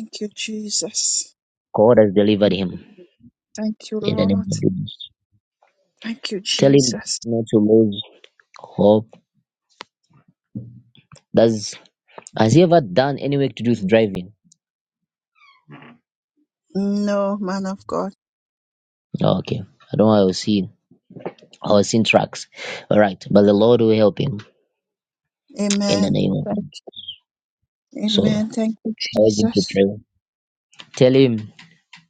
Thank you, Jesus. God has delivered Thank you, him Lord. Thank you, in the name Lord. of Jesus. Thank you, Tell him Jesus. not to lose hope. Does has he ever done any work to do with driving? No, man of God. Oh, okay. I don't know. I was seeing I was seeing trucks. All right. But the Lord will help him in the Amen. name of Thank Jesus. you. So Amen. I Thank you, urge him to Jesus. pray. Tell him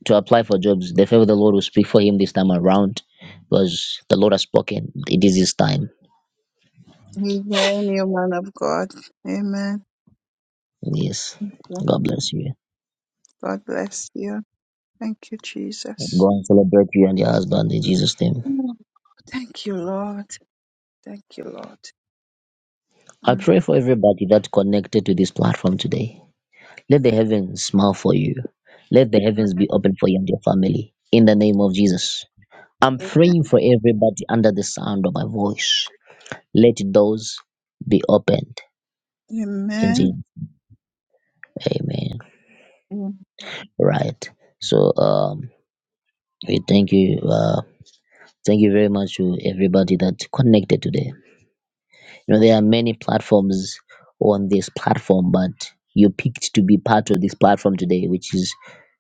to apply for jobs. The favor of the Lord will speak for him this time around because the Lord has spoken. It is his time. Amen, you man of God. Amen. Yes. Yes. God bless you. God bless you. Thank you, Jesus. Go and celebrate you and your husband in Jesus' name. Oh, thank you, Lord. Thank you, Lord. I Mm. pray for everybody that connected to this platform today. Let the heavens smile for you. Let the heavens Amen. be open for you and your family. In the name of Jesus. I'm Amen. praying for everybody under the sound of my voice. Let doors be opened in Jesus. Amen. Amen. Right. So um We thank you. Uh, thank you very much to everybody that connected today. You know, there are many platforms on this platform, but you picked to be part of this platform today, which is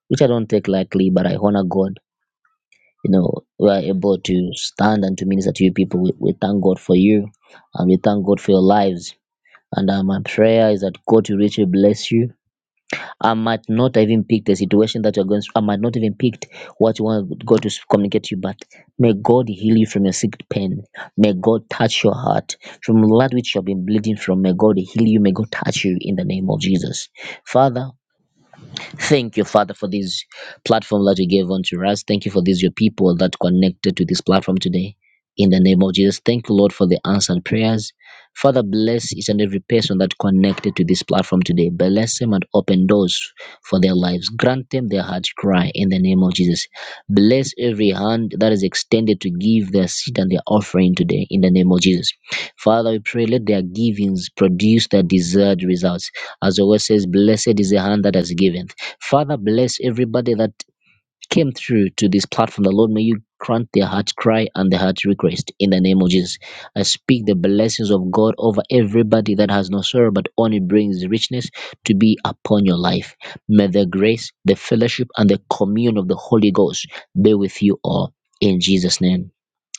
which I don't take lightly, but I honor God. You know, we are able to stand and to minister to you people. We, we thank God for you and we thank God for your lives. And uh, my prayer is that God will richly bless you I might not even pick the situation that you're going through. I might not even pick what you want God to communicate to you, but may God heal you from your sick pain. May God touch your heart. From that which you've been bleeding from, may God heal you. May God touch you in the name of Jesus. Father, Thank you, Father, for this platform that you gave unto us. Thank you for these, your people that connected to this platform today. In the name of Jesus, thank you, Lord, for the answered prayers. Father, bless each and every person that connected to this platform today. Bless them and open doors for their lives. Grant them their heart's cry in the name of Jesus. Bless every hand that is extended to give their seed and their offering today in the name of Jesus. Father, we pray, let their givings produce their desired results. As the word says, Blessed is the hand that has given. Father, bless everybody that came through to this platform. The Lord, may you grant their heart cry and their heart request in the name of Jesus. I speak the blessings of God over everybody that has no sorrow, but only brings richness to be upon your life. May the grace, the fellowship, and the communion of the Holy Ghost be with you all. In Jesus' name,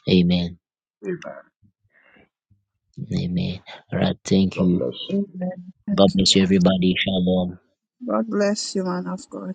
amen. Amen. Amen. All right. Thank God you. bless you. Amen. God Thank you, bless you, Lord. everybody. Shalom. God bless you, man of God.